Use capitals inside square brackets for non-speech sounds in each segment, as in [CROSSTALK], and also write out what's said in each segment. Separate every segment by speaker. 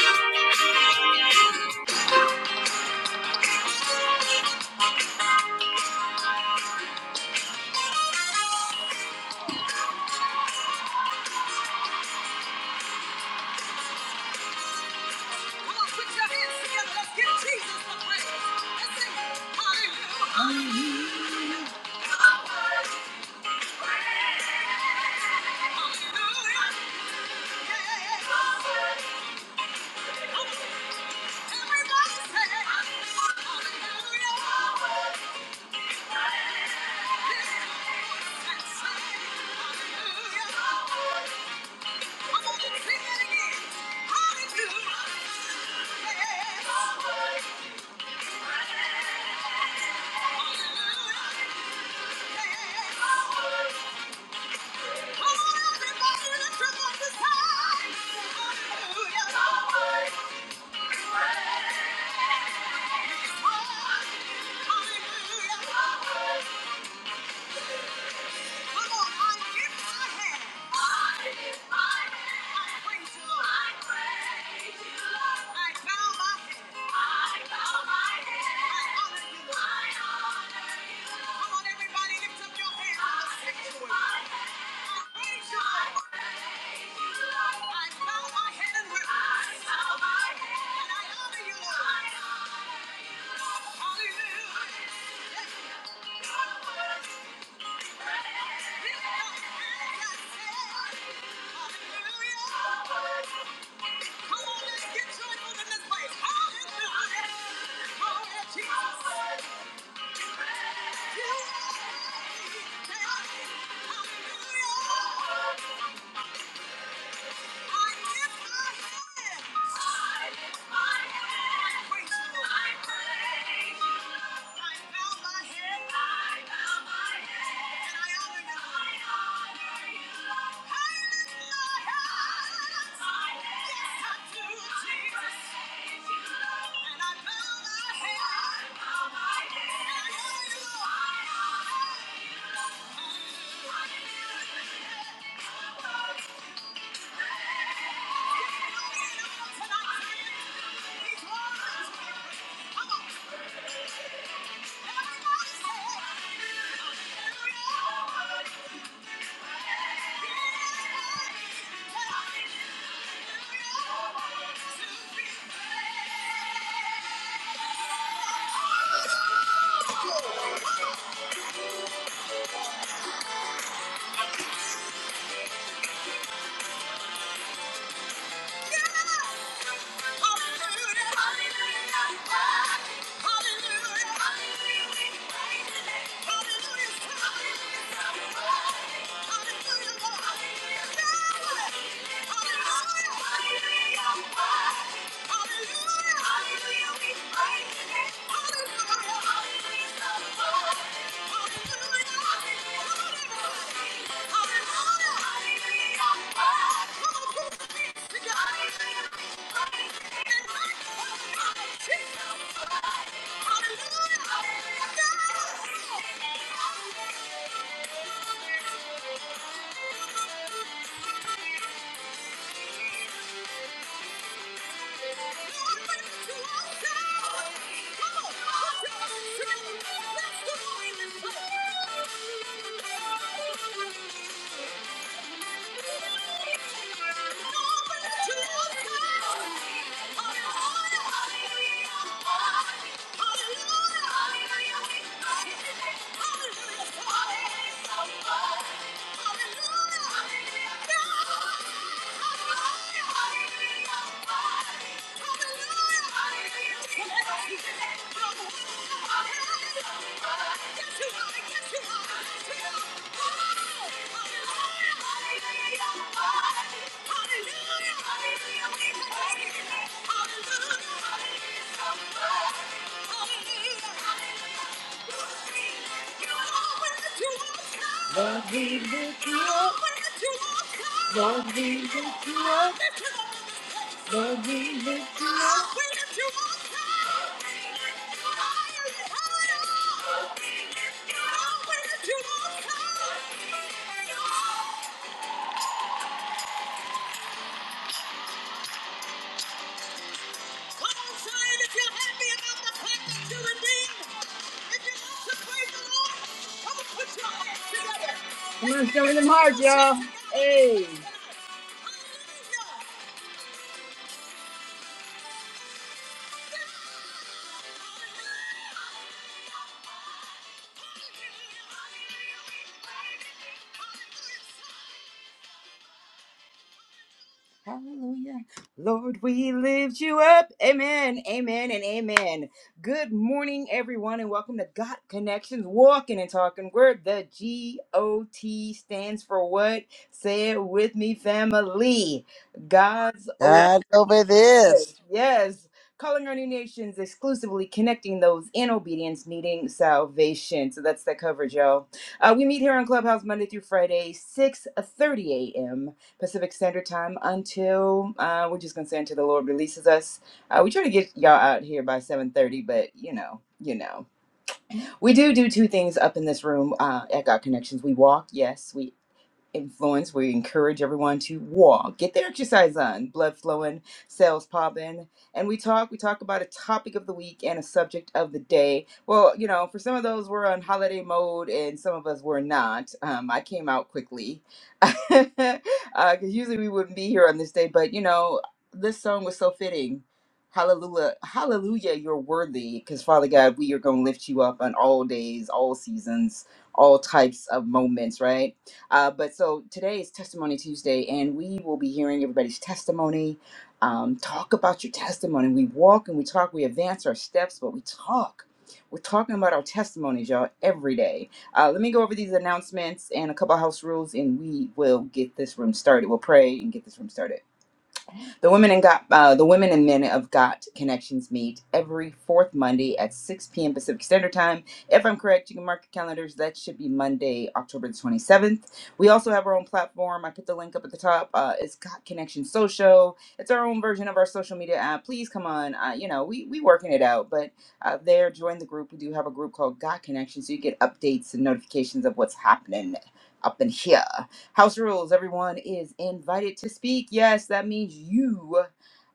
Speaker 1: Come on, put your hands together. Let's give Jesus a praise. Let's sing hallelujah. Hallelujah. Yeah. Everybody say hallelujah. Come on and sing it again. Hallelujah. Yeah. Hallelujah. Come on, everybody, lift up your hands in the sanctuary. I praise you, Lord. I bow my head and worship. I bow my head and I honor you, Lord. I honor you. Lift up hands and Hallelujah. Come on, let's get joyful in this place. Hallelujah. Glory to You Hallelujah. Thank you. Thank you. Hallelujah! Hallelujah! We praise you. Hallelujah! Hallelujah! let's Thank you. Hallelujah! Hallelujah! Lord, we lift you up. Lord, we lift you up. Lord, we lift you up. We lift you up. to Come on, show me them hearts, y'all. Hey. Hallelujah. Lord, we lift you up. Amen. Amen and amen. Good morning, everyone, and welcome to God Connections Walking and Talking Word. The G O T stands for what? Say it with me, family. God's over.
Speaker 2: God over
Speaker 1: Yes,
Speaker 2: this.
Speaker 1: yes. Calling our new nations exclusively connecting those in obedience needing salvation. So that's that coverage, y'all. Uh, we meet here on Clubhouse Monday through Friday, 6 30 a.m. Pacific Standard Time until uh, we're just gonna say until the Lord releases us. Uh, we try to get y'all out here by 7 30, but you know, you know. We do do two things up in this room uh, at God Connections. We walk, yes, we influence where you encourage everyone to walk, get their exercise on, blood flowing, cells popping, and we talk. We talk about a topic of the week and a subject of the day. Well, you know, for some of those we're on holiday mode, and some of us were not. Um, I came out quickly [LAUGHS] because usually we wouldn't be here on this day, but you know, this song was so fitting. Hallelujah, hallelujah, you're worthy because Father God, we are going to lift you up on all days, all seasons, all types of moments, right? Uh, but so today is Testimony Tuesday, and we will be hearing everybody's testimony. Um, talk about your testimony. We walk and we talk, we advance our steps, but we talk. We're talking about our testimonies, y'all, every day. Uh, let me go over these announcements and a couple house rules, and we will get this room started. We'll pray and get this room started. The women and got uh, the women and men of Got connections meet every fourth Monday at 6 p.m. Pacific Standard Time. If I'm correct, you can mark your calendars. That should be Monday, October the 27th. We also have our own platform. I put the link up at the top. Uh, has Got Connection Social. It's our own version of our social media app. Please come on. Uh, you know, we we working it out, but uh, there, join the group. We do have a group called Got Connections. so you get updates and notifications of what's happening up in here. House rules. Everyone is invited to speak. Yes, that means you,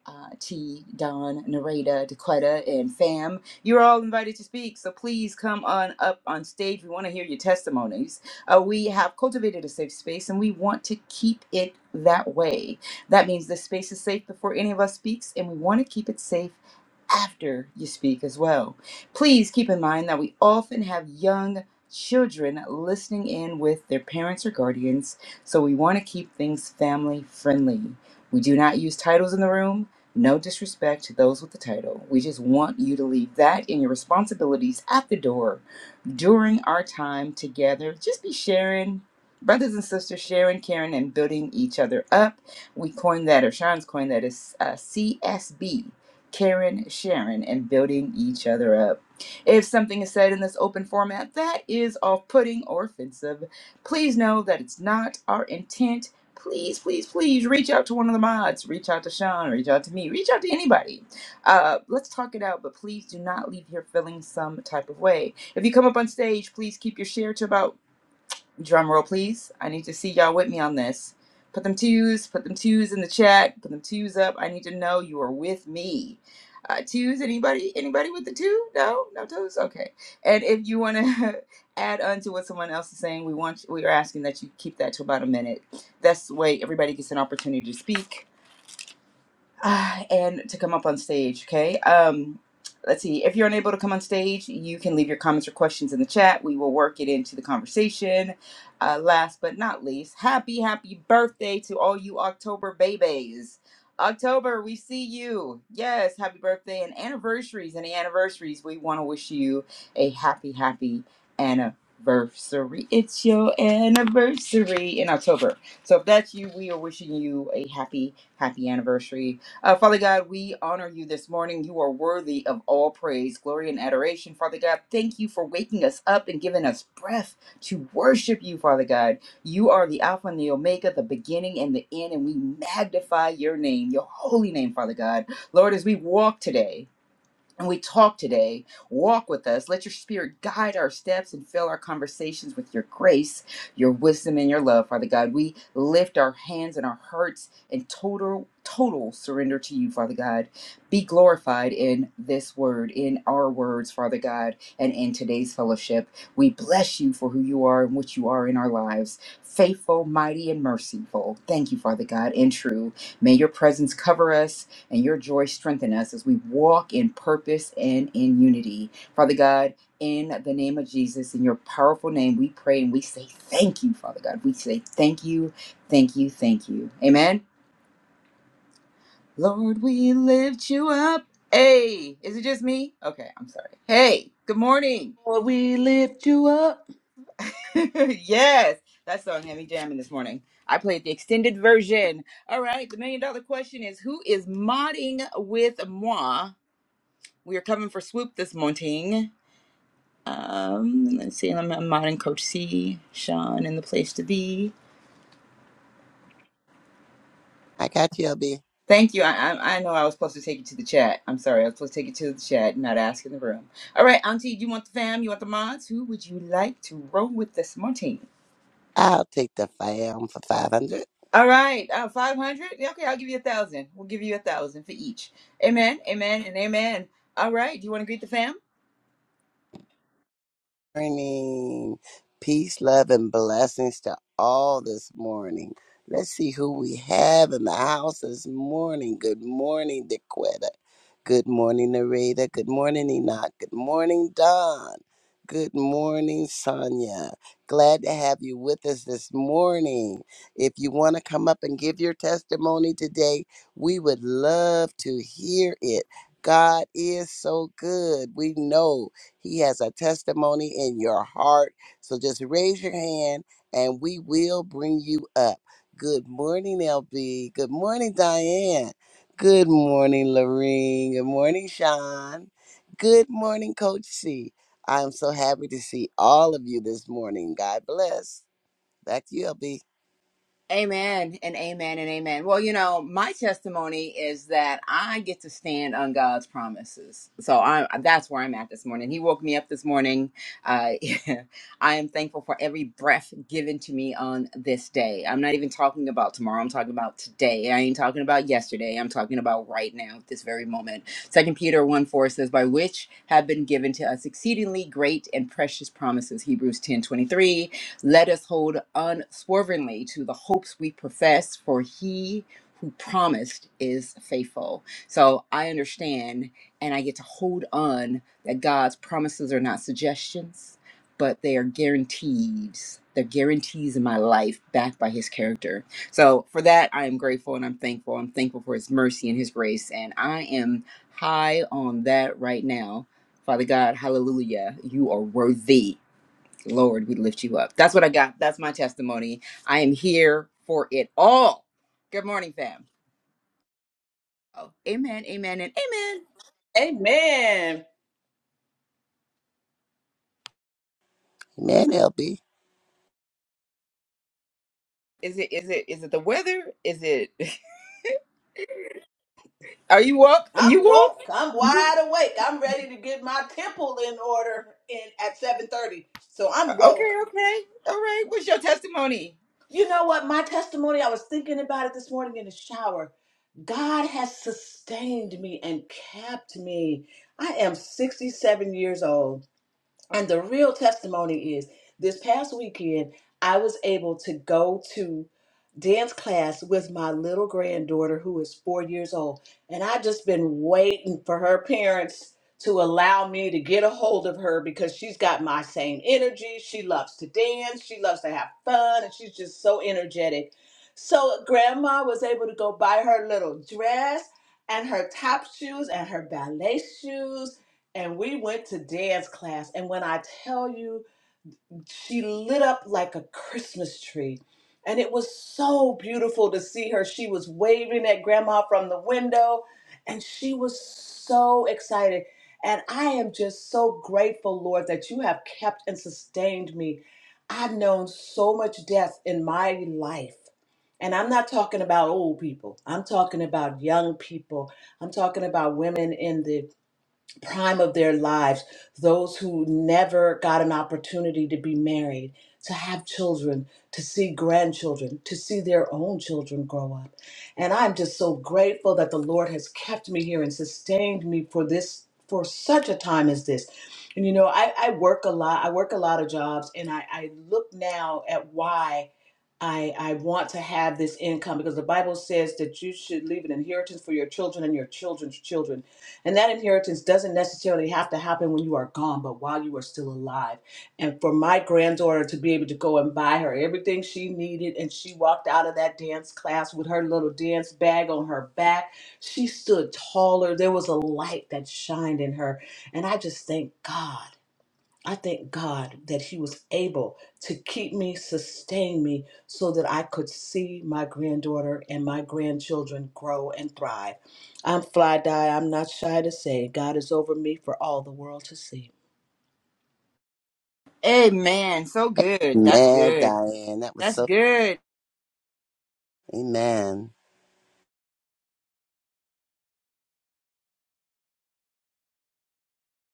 Speaker 1: uh, T, Don, Nareda, Dequetta, and Fam. You're all invited to speak. So please come on up on stage. We want to hear your testimonies. Uh, we have cultivated a safe space, and we want to keep it that way. That means the space is safe before any of us speaks, and we want to keep it safe after you speak as well. Please keep in mind that we often have young children listening in with their parents or guardians, so we want to keep things family friendly. We do not use titles in the room. No disrespect to those with the title. We just want you to leave that and your responsibilities at the door during our time together. Just be sharing, brothers and sisters, sharing, caring, and building each other up. We coined that, or Sean's coined that, is uh, CSB, caring, sharing, and building each other up. If something is said in this open format that is off putting or offensive, please know that it's not our intent. Please, please, please reach out to one of the mods. Reach out to Sean. Reach out to me. Reach out to anybody. Uh, let's talk it out, but please do not leave here feeling some type of way if you come up on stage, please keep your share to about drum roll, please. I need to see y'all with me on this. Put them twos, put them twos in the chat, put them twos up. I need to know you are with me. Uh, twos, anybody? Anybody with the two? No, no twos. Okay. And if you want to [LAUGHS] add on to what someone else is saying, we want we are asking that you keep that to about a minute. That's the way everybody gets an opportunity to speak [SIGHS] uh, and to come up on stage. Okay. Um, let's see. If you're unable to come on stage, you can leave your comments or questions in the chat. We will work it into the conversation. Uh, last but not least, happy, happy birthday to all you October babies. October, we see you. Yes, happy birthday and anniversaries. Any anniversaries, we want to wish you a happy, happy anniversary. It's your anniversary in October. So if that's you, we are wishing you a happy, happy anniversary uh, Father God, we honor you this morning. You are worthy of all praise, glory, and adoration. Father God, thank you for waking us up and giving us breath to worship you, Father God. You are the Alpha and the Omega, the beginning and the end, and we magnify your name, your holy name, Father God. Lord, as we walk today, and we talk today. Walk with us. Let your spirit guide our steps and fill our conversations with your grace, your wisdom, and your love, Father God. We lift our hands and our hearts in total, total surrender to you, Father God. Be glorified in this word, in our words, Father God, and in today's fellowship. We bless you for who you are and what you are in our lives. Faithful, mighty, and merciful. Thank you, Father God, and true. May your presence cover us and your joy strengthen us as we walk in purpose and in unity. Father God, in the name of Jesus, in your powerful name, we pray and we say thank you, Father God. We say thank you, thank you, thank you. Amen. Lord, we lift you up. Hey, is it just me? Okay, I'm sorry. Hey, good morning.
Speaker 3: Lord, we lift you up.
Speaker 1: [LAUGHS] yes, that song had me jamming this morning. I played the extended version. All right, the million dollar question is who is modding with moi? We are coming for swoop this morning. Um, let's see, I'm a modern coach C, Sean, and the place to be.
Speaker 2: I got you, LB.
Speaker 1: Thank you. I, I I know I was supposed to take you to the chat. I'm sorry. I was supposed to take you to the chat, not ask in the room. All right, Auntie, do you want the fam? You want the mods? Who would you like to roll with this morning?
Speaker 2: I'll take the fam for 500.
Speaker 1: All right, uh, 500? Yeah, Okay, I'll give you a thousand. We'll give you a thousand for each. Amen, amen, and amen. All right, do you want to greet the fam?
Speaker 2: morning. Peace, love, and blessings to all this morning. Let's see who we have in the house this morning. Good morning, Dequetta. Good morning, Narita. Good morning, Enoch. Good morning, Don. Good morning, Sonia. Glad to have you with us this morning. If you want to come up and give your testimony today, we would love to hear it. God is so good. We know he has a testimony in your heart. So just raise your hand and we will bring you up. Good morning, LB. Good morning, Diane. Good morning, Lorene. Good morning, Sean. Good morning, Coach C. I'm so happy to see all of you this morning. God bless. Back to you, LB.
Speaker 1: Amen and amen and amen. Well, you know, my testimony is that I get to stand on God's promises. So I that's where I'm at this morning. He woke me up this morning. Uh, [LAUGHS] I am thankful for every breath given to me on this day. I'm not even talking about tomorrow. I'm talking about today. I ain't talking about yesterday. I'm talking about right now, this very moment. Second Peter 1 4 says, By which have been given to us exceedingly great and precious promises. Hebrews ten twenty three. Let us hold unswervingly to the hopes we profess, for he who promised is faithful. So I understand and I get to hold on that God's promises are not suggestions, but they are guarantees. They're guarantees in my life backed by his character. So for that, I am grateful and I'm thankful. I'm thankful for his mercy and his grace. And I am high on that right now. Father God, hallelujah. You are worthy. Lord, we lift you up. That's what I got. That's my testimony. I am here for it all. Good morning, fam. Oh, amen, amen, and amen.
Speaker 3: Amen.
Speaker 2: Amen, LB.
Speaker 1: Is it is it is it the weather? Is it [LAUGHS] are you up?
Speaker 3: I'm
Speaker 1: You up?
Speaker 3: woke. I'm wide awake. I'm ready to get my temple in order in at 7:30. So I'm woke.
Speaker 1: Okay, okay. All right. What's your testimony?
Speaker 3: You know what? My testimony, I was thinking about it this morning in the shower. God has sustained me and kept me. I am 67 years old. And the real testimony is this past weekend, I was able to go to dance class with my little granddaughter who is four years old. And I just been waiting for her parents to allow me to get a hold of her because she's got my same energy. She loves to dance, she loves to have fun, and she's just so energetic. So grandma was able to go buy her little dress and her top shoes and her ballet shoes and we went to dance class and when i tell you she lit up like a christmas tree and it was so beautiful to see her she was waving at grandma from the window and she was so excited and i am just so grateful lord that you have kept and sustained me i've known so much death in my life and I'm not talking about old people. I'm talking about young people. I'm talking about women in the prime of their lives, those who never got an opportunity to be married, to have children, to see grandchildren, to see their own children grow up. And I'm just so grateful that the Lord has kept me here and sustained me for this for such a time as this. And you know, I, I work a lot, I work a lot of jobs and I, I look now at why I, I want to have this income because the Bible says that you should leave an inheritance for your children and your children's children. And that inheritance doesn't necessarily have to happen when you are gone, but while you are still alive. And for my granddaughter to be able to go and buy her everything she needed, and she walked out of that dance class with her little dance bag on her back, she stood taller. There was a light that shined in her. And I just thank God. I thank God that He was able to keep me, sustain me, so that I could see my granddaughter and my grandchildren grow and thrive. I'm fly die. I'm not shy to say God is over me for all the world to see.
Speaker 1: Amen. So good. That's
Speaker 2: Amen,
Speaker 1: good.
Speaker 2: Diane. That was
Speaker 1: That's
Speaker 2: so.
Speaker 1: good.
Speaker 2: Amen.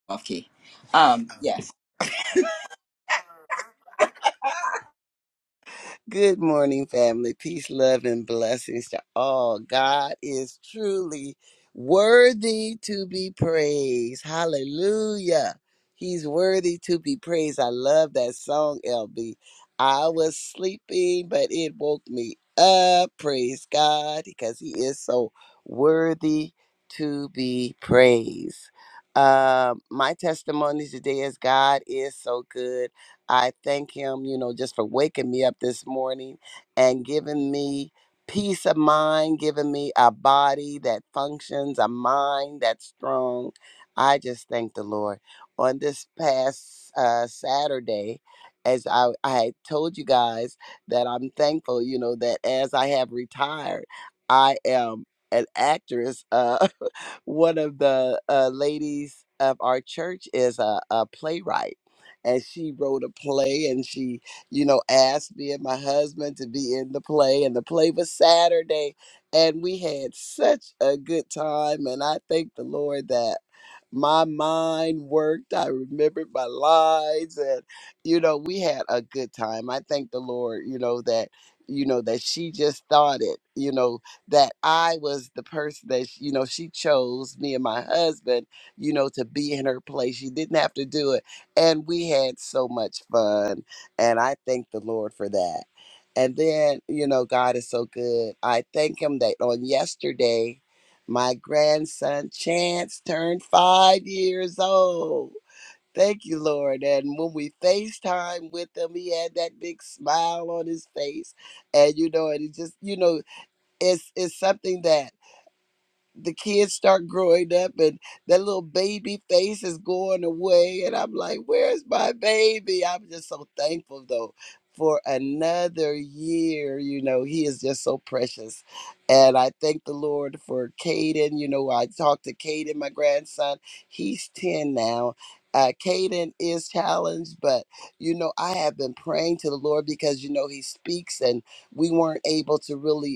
Speaker 1: Okay. Um, yes.
Speaker 2: Good morning, family. Peace, love, and blessings to all. God is truly worthy to be praised. Hallelujah. He's worthy to be praised. I love that song, LB. I was sleeping, but it woke me up. Praise God, because He is so worthy to be praised. Um, my testimony today is God is so good. I thank him, you know, just for waking me up this morning and giving me peace of mind, giving me a body that functions, a mind that's strong. I just thank the Lord. On this past uh, Saturday, as I, I had told you guys that I'm thankful, you know, that as I have retired, I am an actress. Uh, [LAUGHS] one of the uh, ladies of our church is a, a playwright. And she wrote a play and she, you know, asked me and my husband to be in the play. And the play was Saturday. And we had such a good time. And I thank the Lord that my mind worked. I remembered my lines. And, you know, we had a good time. I thank the Lord, you know, that, you know, that she just thought it, you know, that I was the person that she, you know she chose me and my husband, you know, to be in her place. She didn't have to do it, and we had so much fun, and I thank the Lord for that. And then you know, God is so good. I thank Him that on yesterday, my grandson Chance turned five years old. Thank you, Lord. And when we FaceTime with him, he had that big smile on his face. And you know, and it just, you know, it's it's something that the kids start growing up and that little baby face is going away and i'm like where's my baby i'm just so thankful though for another year you know he is just so precious and i thank the lord for caden you know i talked to caden my grandson he's 10 now uh, Caden is challenged, but you know, I have been praying to the Lord because you know, he speaks and we weren't able to really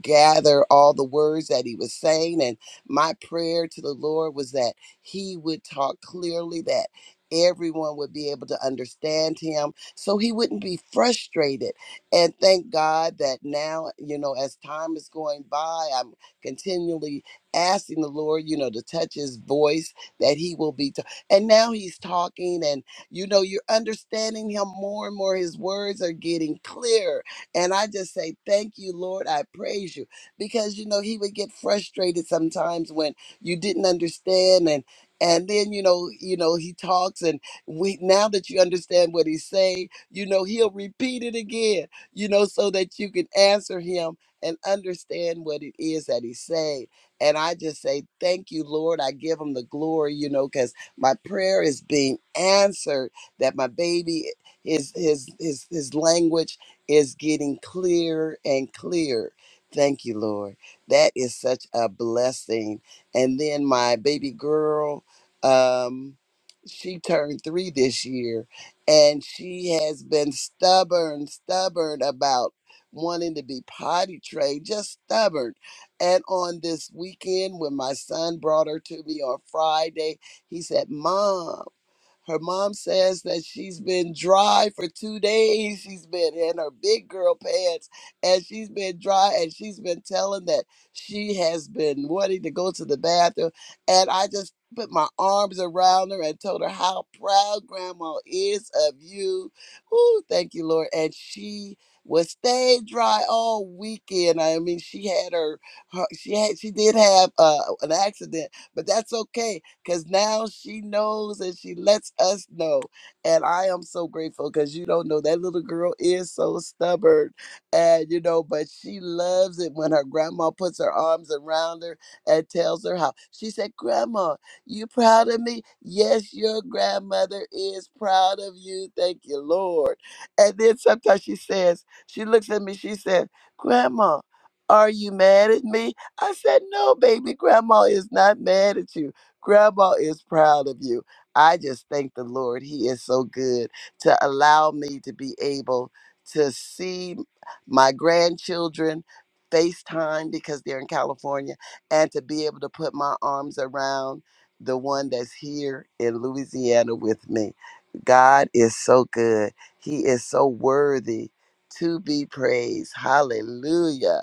Speaker 2: gather all the words that he was saying. And my prayer to the Lord was that he would talk clearly, that everyone would be able to understand him so he wouldn't be frustrated. And thank God that now, you know, as time is going by, I'm continually asking the Lord, you know, to touch his voice, that he will be. ta- and now he's talking, and, you know, you're understanding him more and more. His words are getting clear and I just say, Thank you, Lord. I praise you. Because, you know, he would get frustrated sometimes when you didn't understand and and then you know you know he talks and we now that you understand what he's saying you know he'll repeat it again you know so that you can answer him and understand what it is that he's saying and i just say thank you lord i give him the glory you know because my prayer is being answered that my baby his his his his language is getting clearer and clearer. Thank you, Lord. That is such a blessing. And then my baby girl, um, she turned three this year, and she has been stubborn, stubborn about wanting to be potty trained, just stubborn. And on this weekend, when my son brought her to me on Friday, he said, Mom, her mom says that she's been dry for two days. She's been in her big girl pants and she's been dry and she's been telling that she has been wanting to go to the bathroom. And I just put my arms around her and told her how proud grandma is of you. Ooh, thank you, Lord. And she was stayed dry all weekend. I mean, she had her, her she had she did have uh, an accident, but that's okay because now she knows and she lets us know. And I am so grateful because you don't know that little girl is so stubborn. And, you know, but she loves it when her grandma puts her arms around her and tells her how. She said, Grandma, you proud of me? Yes, your grandmother is proud of you. Thank you, Lord. And then sometimes she says, She looks at me, she said, Grandma, are you mad at me? I said, No, baby, grandma is not mad at you. Grandma is proud of you. I just thank the Lord. He is so good to allow me to be able to see my grandchildren FaceTime because they're in California and to be able to put my arms around the one that's here in Louisiana with me. God is so good. He is so worthy to be praised. Hallelujah.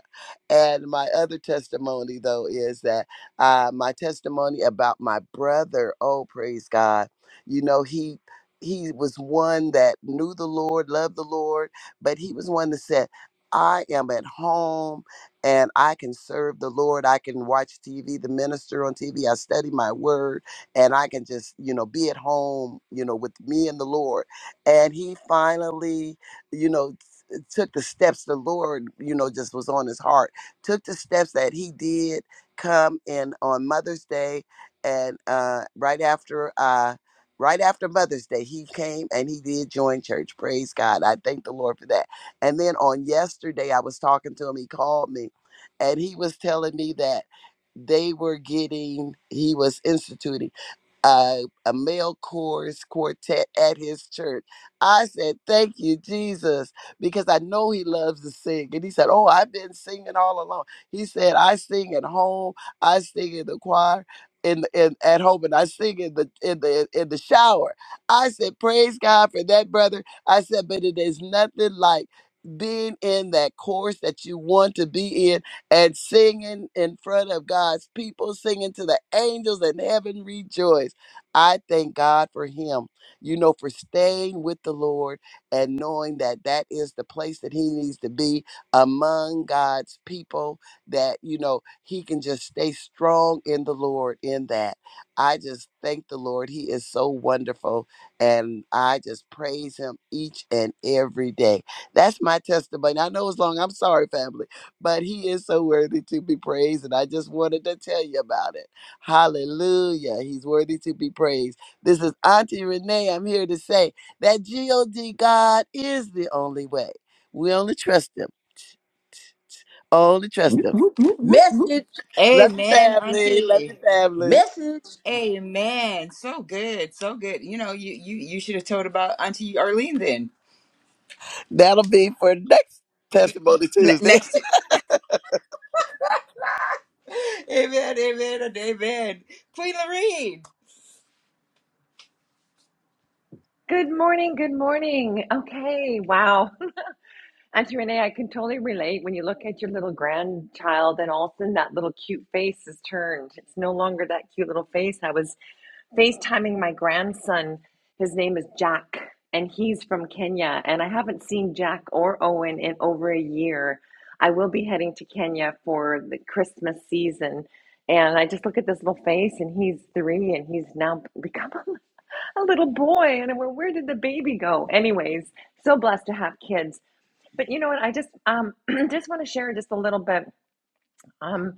Speaker 2: And my other testimony, though, is that. Uh, my testimony about my brother. Oh, praise God. You know, he he was one that knew the Lord, loved the Lord, but he was one that said, I am at home and I can serve the Lord. I can watch TV, the minister on TV. I study my word and I can just, you know, be at home, you know, with me and the Lord. And he finally, you know, t- took the steps the Lord, you know, just was on his heart, took the steps that he did come in on Mother's Day, and uh, right after uh, right after Mother's Day, he came and he did join church. Praise God! I thank the Lord for that. And then on yesterday, I was talking to him. He called me, and he was telling me that they were getting he was instituting a, a male chorus quartet at his church. I said, Thank you, Jesus, because I know he loves to sing. And he said, Oh, I've been singing all along. He said, I sing at home, I sing in the choir. In, the- in at home and I sing in the in the in the shower. I said, Praise God for that, brother. I said, but it is nothing like being in that chorus that you want to be in and singing in front of God's people, singing to the angels in heaven rejoice. I thank God for him, you know, for staying with the Lord and knowing that that is the place that he needs to be among God's people, that, you know, he can just stay strong in the Lord in that. I just thank the Lord. He is so wonderful. And I just praise him each and every day. That's my testimony. I know it's long. I'm sorry, family, but he is so worthy to be praised. And I just wanted to tell you about it. Hallelujah. He's worthy to be praised. This is Auntie Renee. I'm here to say that God God is the only way. We only trust him. Only trust
Speaker 4: Whoop,
Speaker 2: him.
Speaker 4: whoop, whoop, whoop, whoop,
Speaker 3: Message,
Speaker 2: Love your
Speaker 1: Amen,
Speaker 2: family. Love
Speaker 1: Auntie.
Speaker 2: your family.
Speaker 3: message.
Speaker 1: Amen. So good. So good. You know, you you you should have told about Auntie Arlene then.
Speaker 2: That'll be for next Testimony
Speaker 1: Ne-
Speaker 2: Tuesday. [LAUGHS]
Speaker 1: next Amen, amen, and amen. Queen Lorene.
Speaker 5: Good morning. Good morning. Okay. Wow. [LAUGHS] Auntie Renee, I can totally relate when you look at your little grandchild and all of a sudden that little cute face is turned. It's no longer that cute little face. I was FaceTiming my grandson. His name is Jack and he's from Kenya. And I haven't seen Jack or Owen in over a year. I will be heading to Kenya for the Christmas season. And I just look at this little face and he's three and he's now become [LAUGHS] a little boy and I went, where did the baby go anyways so blessed to have kids but you know what i just um [CLEARS THROAT] just want to share just a little bit um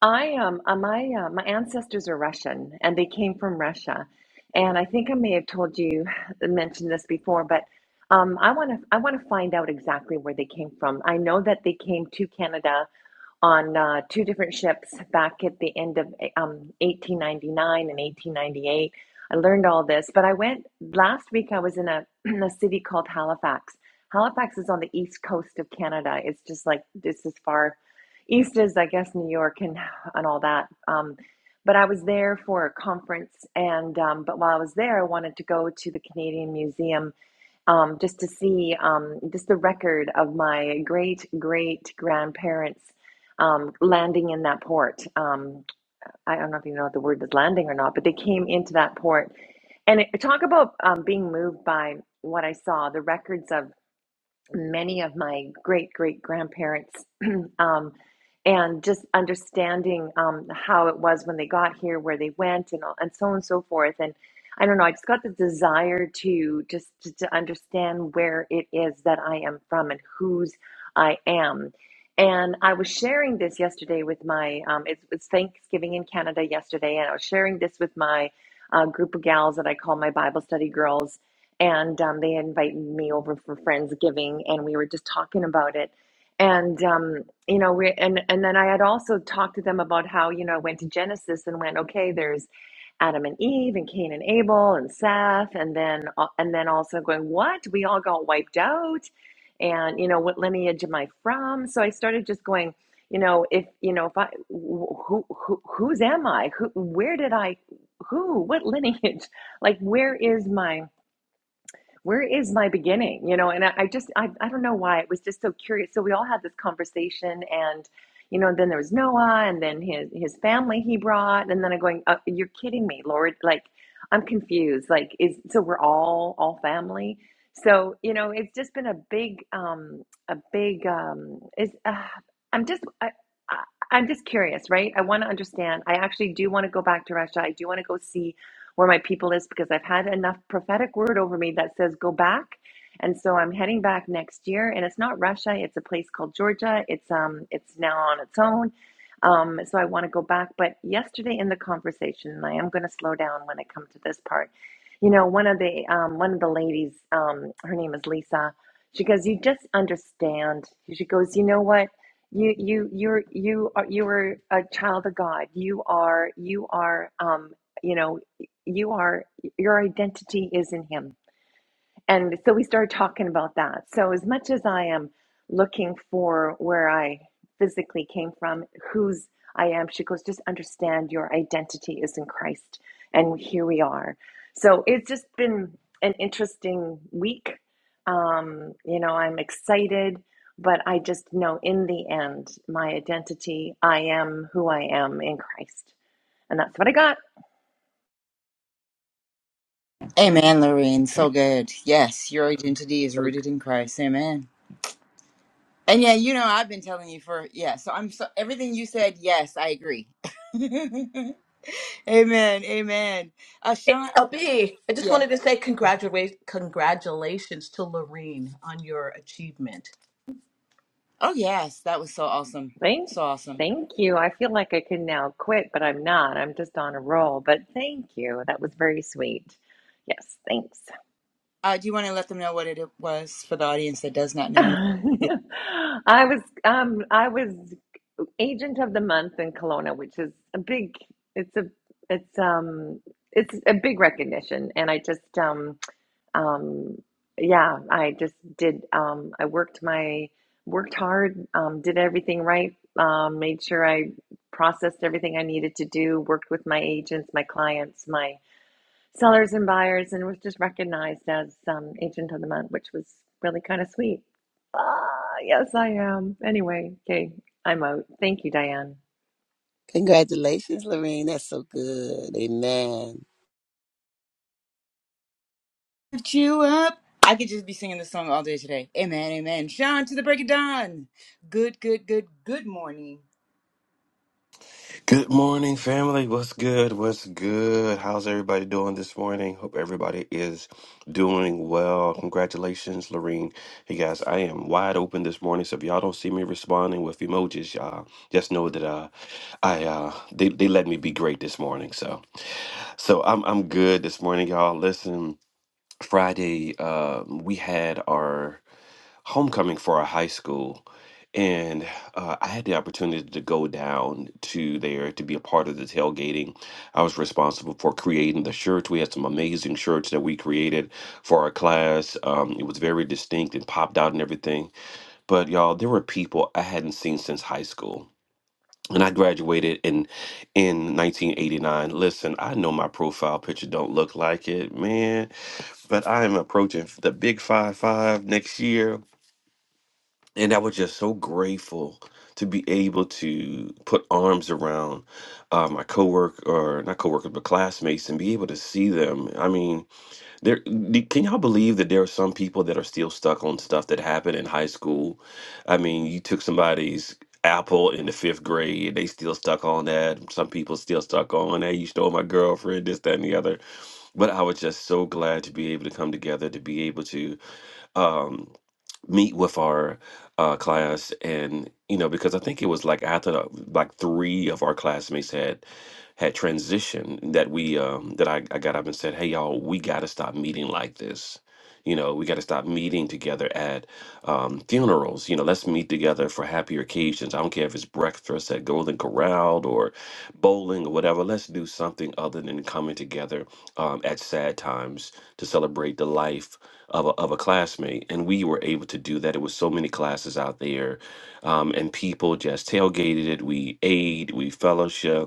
Speaker 5: i um uh, my uh, my ancestors are russian and they came from russia and i think i may have told you uh, mentioned this before but um i want to i want to find out exactly where they came from i know that they came to canada on uh, two different ships back at the end of um, 1899 and 1898. I learned all this, but I went last week. I was in a, [CLEARS THROAT] in a city called Halifax. Halifax is on the east coast of Canada. It's just like it's as far east as I guess New York and and all that. Um, but I was there for a conference, and um, but while I was there, I wanted to go to the Canadian Museum um, just to see um, just the record of my great great grandparents um, landing in that port. Um, I don't know if you know what the word is landing or not, but they came into that port. And it, talk about um, being moved by what I saw, the records of many of my great great grandparents [CLEARS THROAT] um, and just understanding um, how it was when they got here where they went and, all, and so on and so forth and i don't know i just got the desire to just to, to understand where it is that i am from and whose i am and i was sharing this yesterday with my um, it was thanksgiving in canada yesterday and i was sharing this with my uh, group of gals that i call my bible study girls and um, they invited me over for friendsgiving and we were just talking about it and um, you know we and and then i had also talked to them about how you know i went to genesis and went okay there's adam and eve and cain and abel and seth and then uh, and then also going what we all got wiped out and you know what lineage am i from so i started just going you know if you know if i who, who whose am i who where did i who what lineage [LAUGHS] like where is my where is my beginning you know and i, I just I, I don't know why it was just so curious so we all had this conversation and you know then there was noah and then his his family he brought and then i'm going uh, you're kidding me lord like i'm confused like is so we're all all family so you know it's just been a big um a big um is uh, i'm just I, I, i'm just curious right i want to understand i actually do want to go back to russia i do want to go see where my people is because I've had enough prophetic word over me that says go back. And so I'm heading back next year and it's not Russia, it's a place called Georgia. It's um it's now on its own. Um so I want to go back, but yesterday in the conversation and I am going to slow down when I come to this part. You know, one of the um one of the ladies um her name is Lisa. She goes, "You just understand." She goes, "You know what? you you you're you are you are a child of God. You are you are um you know you are your identity is in him and so we started talking about that so as much as i am looking for where i physically came from whose i am she goes just understand your identity is in christ and here we are so it's just been an interesting week um, you know i'm excited but i just know in the end my identity i am who i am in christ and that's what i got
Speaker 1: Amen, Lorraine.
Speaker 2: Come
Speaker 1: So good. Yes, your identity is
Speaker 2: on.
Speaker 1: rooted in Christ. Amen. And yeah, you know, I've been telling you for yeah. So I'm so everything you said. Yes, I agree. [LAUGHS] amen. Amen. Uh, Sean. Oh,
Speaker 3: LB, I just
Speaker 1: yeah.
Speaker 3: wanted to say congratulations, congratulations to Lorene on your achievement.
Speaker 1: Oh yes, that was so awesome.
Speaker 5: Thank,
Speaker 1: So awesome.
Speaker 5: thank you. I feel like I can now quit, but I'm not. I'm just on a roll. But thank you. That was very sweet. Yes, thanks.
Speaker 1: Uh, do you want to let them know what it was for the audience that does not
Speaker 5: [LAUGHS]
Speaker 1: know?
Speaker 5: I was um I was agent of the month in Kelowna, which is a big it's a it's um it's a big recognition and I just um um yeah i just did um i worked my worked hard um did everything right um made sure i processed everything i needed to do worked with my agents my clients my sellers and buyers and was just recognized as um agent of the month which was really kind of sweet ah yes i am anyway okay i'm out thank you diane
Speaker 2: Congratulations, Lorene. That's so good. Amen.
Speaker 1: lift you up. I could just be singing this song all day today. Amen, amen. Sean, to the break of dawn. Good, good, good, good morning.
Speaker 6: Good morning, family. What's good? What's good? How's everybody doing this morning? Hope everybody is doing well. Congratulations, Lorene. Hey guys, I am wide open this morning. So if y'all don't see me responding with emojis, y'all just know that uh, I uh, they they let me be great this morning. So so I'm I'm good this morning, y'all. Listen, Friday um, we had our homecoming for a high school, and uh, I had the opportunity to go down to there to be a part of the tailgating. I was responsible for creating the shirts. We had some amazing shirts that we created for our class. Um, it was very distinct and popped out and everything. But y'all, there were people I hadn't seen since high school. And I graduated in in 1989. Listen, I know my profile picture don't look like it, man, but I am approaching the big five five next year and I was just so grateful to be able to put arms around uh, my coworker, or not coworkers, but classmates, and be able to see them. I mean, there. the- Can y'all believe that there are some people that are still stuck on stuff that happened in high school? I mean, you took somebody's apple in the fifth grade they still stuck on that some people still stuck on hey you stole my girlfriend this that and the other but i was just so glad to be able to come together to be able to Um, meet with our uh, class and you know because i think it was like after the, like three of our classmates had had transitioned that we um, that I, I got up and said, "Hey y'all, we got to stop meeting like this. You know, we got to stop meeting together at um, funerals. You know, let's meet together for happier occasions. I don't care if it's breakfast at Golden Corral or bowling or whatever. Let's do something other than coming together um, at sad times to celebrate the life of a, of a classmate. And we were able to do that. It was so many classes out there, um, and people just tailgated it. We ate, we fellowship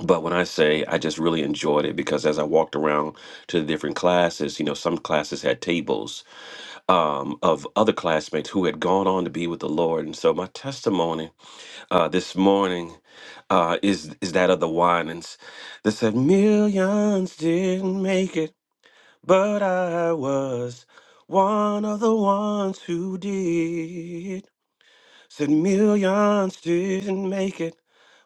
Speaker 6: but when I say I just really enjoyed it because as I walked around to the different classes, you know, some classes had tables um, of other classmates who had gone on to be with the Lord. And so my testimony uh, this morning uh, is is that of the whinings that said millions didn't make it, but I was one of the ones who did. Said millions didn't make it,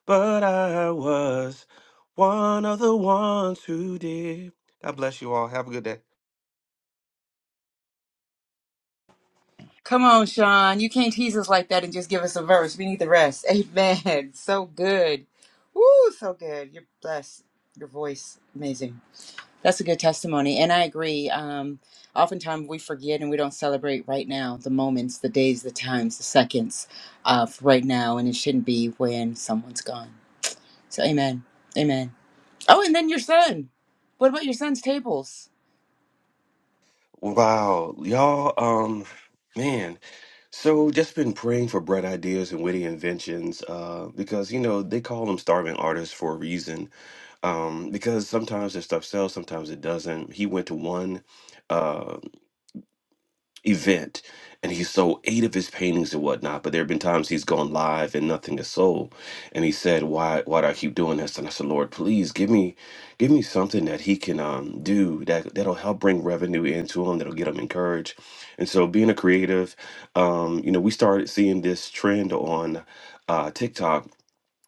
Speaker 6: but I was one of the ones who did. God bless you all. Have a good day.
Speaker 1: Come on, Sean. You can't tease us like that and just give us a verse. We need the rest. Amen. [LAUGHS] So good. Woo, so good. You're blessed. Your voice, amazing. That's a good testimony. And I agree. Um, oftentimes we forget and we don't celebrate right now the moments, the days, the times, the seconds of right now. And it shouldn't be when someone's gone. So, amen. Amen. Oh, and then your son. What about your son's tables?
Speaker 6: Wow, y'all, um, man. So just been praying for bright ideas and witty inventions, uh, because you know they call them starving artists for a reason. Um, because sometimes their stuff sells, sometimes it doesn't. He went to one. uh, event and he sold eight of his paintings and whatnot but there have been times he's gone live and nothing is sold and he said why why do i keep doing this and i said lord please give me give me something that he can um, do that that'll help bring revenue into him that'll get him encouraged and so being a creative um, you know we started seeing this trend on uh, tiktok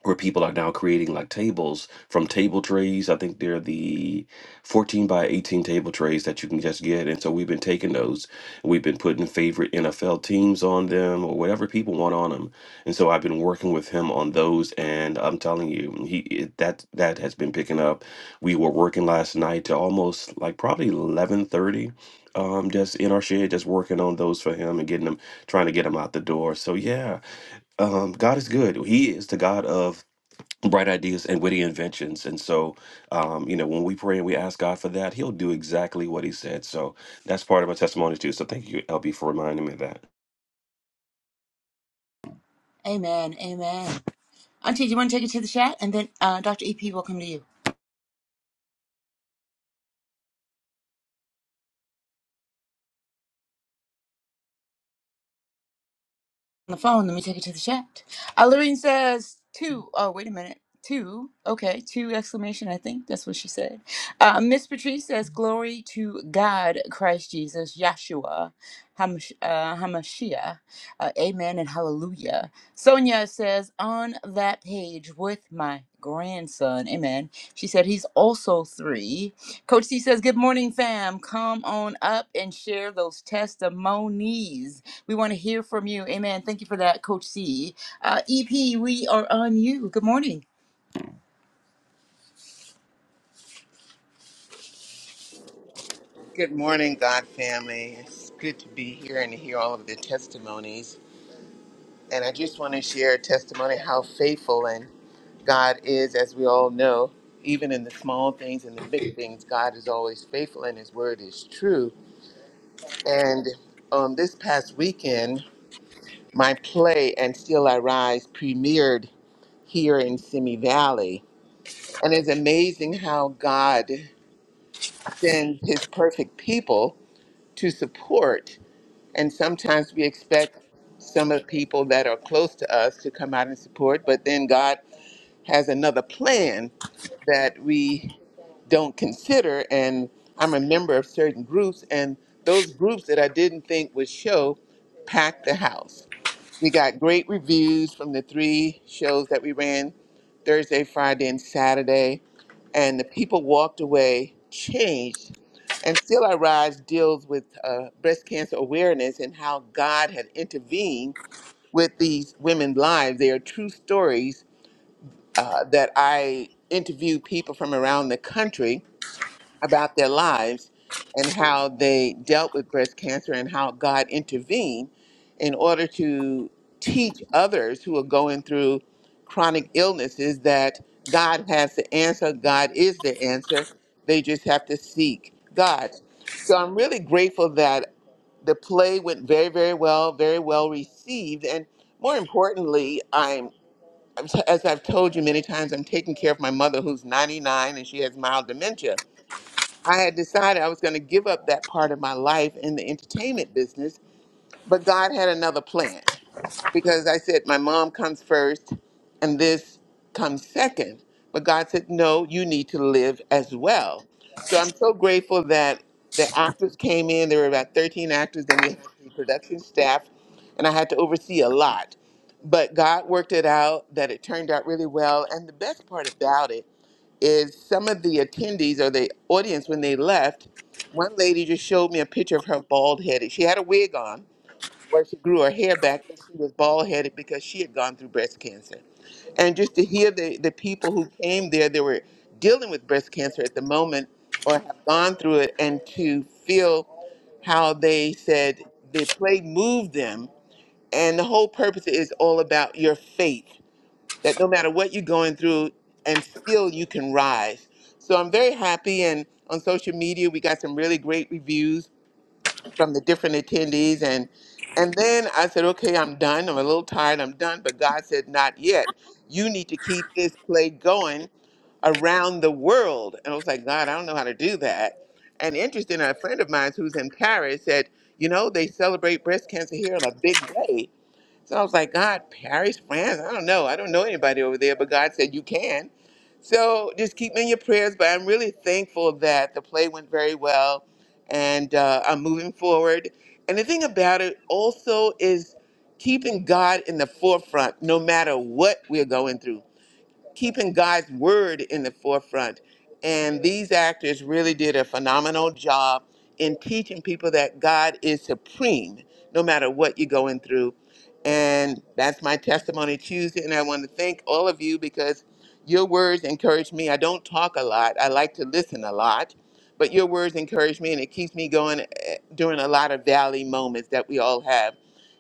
Speaker 6: where people are now creating like tables from table trays. I think they're the 14 by 18 table trays that you can just get. And so we've been taking those. We've been putting favorite NFL teams on them or whatever people want on them. And so I've been working with him on those. And I'm telling you, he it, that that has been picking up. We were working last night to almost like probably 1130 um just in our shed just working on those for him and getting them trying to get them out the door so yeah um god is good he is the god of bright ideas and witty inventions. And so, um, you know, when we pray and we ask God for that, He'll do exactly what He said. So that's part of my testimony too. So thank you, LB, for reminding me of that.
Speaker 1: Amen. Amen. Auntie, do you want to take it to the chat? And then uh, Dr. EP, will come to you. on the phone. Let me take it to the chat. Alorine says two. Oh, wait a minute. Two. Okay, two exclamation. I think that's what she said. Uh, Miss Patrice says, "Glory to God, Christ Jesus, Yahshua, Hamash- uh, Hamashiach, uh, Amen and Hallelujah." Sonia says, "On that page with my grandson, Amen." She said, "He's also three. Coach C says, "Good morning, fam. Come on up and share those testimonies." We want to hear from you. Amen. Thank you for that, Coach C. Uh, EP, we are on you. Good morning.
Speaker 7: Good morning, God family. It's good to be here and to hear all of the testimonies. And I just want to share a testimony how faithful and God is, as we all know, even in the small things and the big things, God is always faithful and His word is true. And um, this past weekend, my play and Still I Rise premiered here in Simi Valley. And it's amazing how God sends His perfect people to support And sometimes we expect some of the people that are close to us to come out and support, but then God has another plan that we don't consider. And I'm a member of certain groups, and those groups that I didn't think would show packed the house. We got great reviews from the three shows that we ran Thursday, Friday, and Saturday and the people walked away changed. And Still I Rise deals with uh, breast cancer awareness and how God had intervened with these women's lives. They are true stories uh, that I interviewed people from around the country about their lives and how they dealt with breast cancer and how God intervened in order to teach others who are going through chronic illnesses that God has the answer, God is the answer. They just have to seek God. So I'm really grateful that the play went very, very well, very well received. And more importantly, I'm, as I've told you many times, I'm taking care of my mother who's 99 and she has mild dementia. I had decided I was going to give up that part of my life in the entertainment business, but God had another plan because I said my mom comes first and this comes second. But God said, no, you need to live as well. So I'm so grateful that the actors came in. There were about 13 actors. Then we had the production staff, and I had to oversee a lot. But God worked it out that it turned out really well. And the best part about it is some of the attendees or the audience when they left, one lady just showed me a picture of her bald head. She had a wig on, where she grew her hair back, but she was bald headed because she had gone through breast cancer. And just to hear the, the people who came there they were dealing with breast cancer at the moment or have gone through it, and to feel how they said the play moved them. And the whole purpose is all about your faith that no matter what you're going through, and still you can rise. So I'm very happy. And on social media, we got some really great reviews from the different attendees and and then I said, okay, I'm done. I'm a little tired. I'm done. But God said, not yet. You need to keep this play going around the world. And I was like, God, I don't know how to do that. And interesting, a friend of mine who's in Paris said, you know, they celebrate breast cancer here in a big way. So I was like, God, Paris, France, I don't know. I don't know anybody over there, but God said, You can. So just keep me in your prayers. But I'm really thankful that the play went very well and uh, I'm moving forward. And the thing about it also is keeping God in the forefront no matter what we're going through keeping God's word in the forefront. And these actors really did a phenomenal job in teaching people that God is supreme no matter what you're going through. And that's my testimony Tuesday. And I want to thank all of you because your words encourage me. I don't talk a lot, I like to listen a lot, but your words encourage me and it keeps me going eh, during a lot of valley moments that we all have.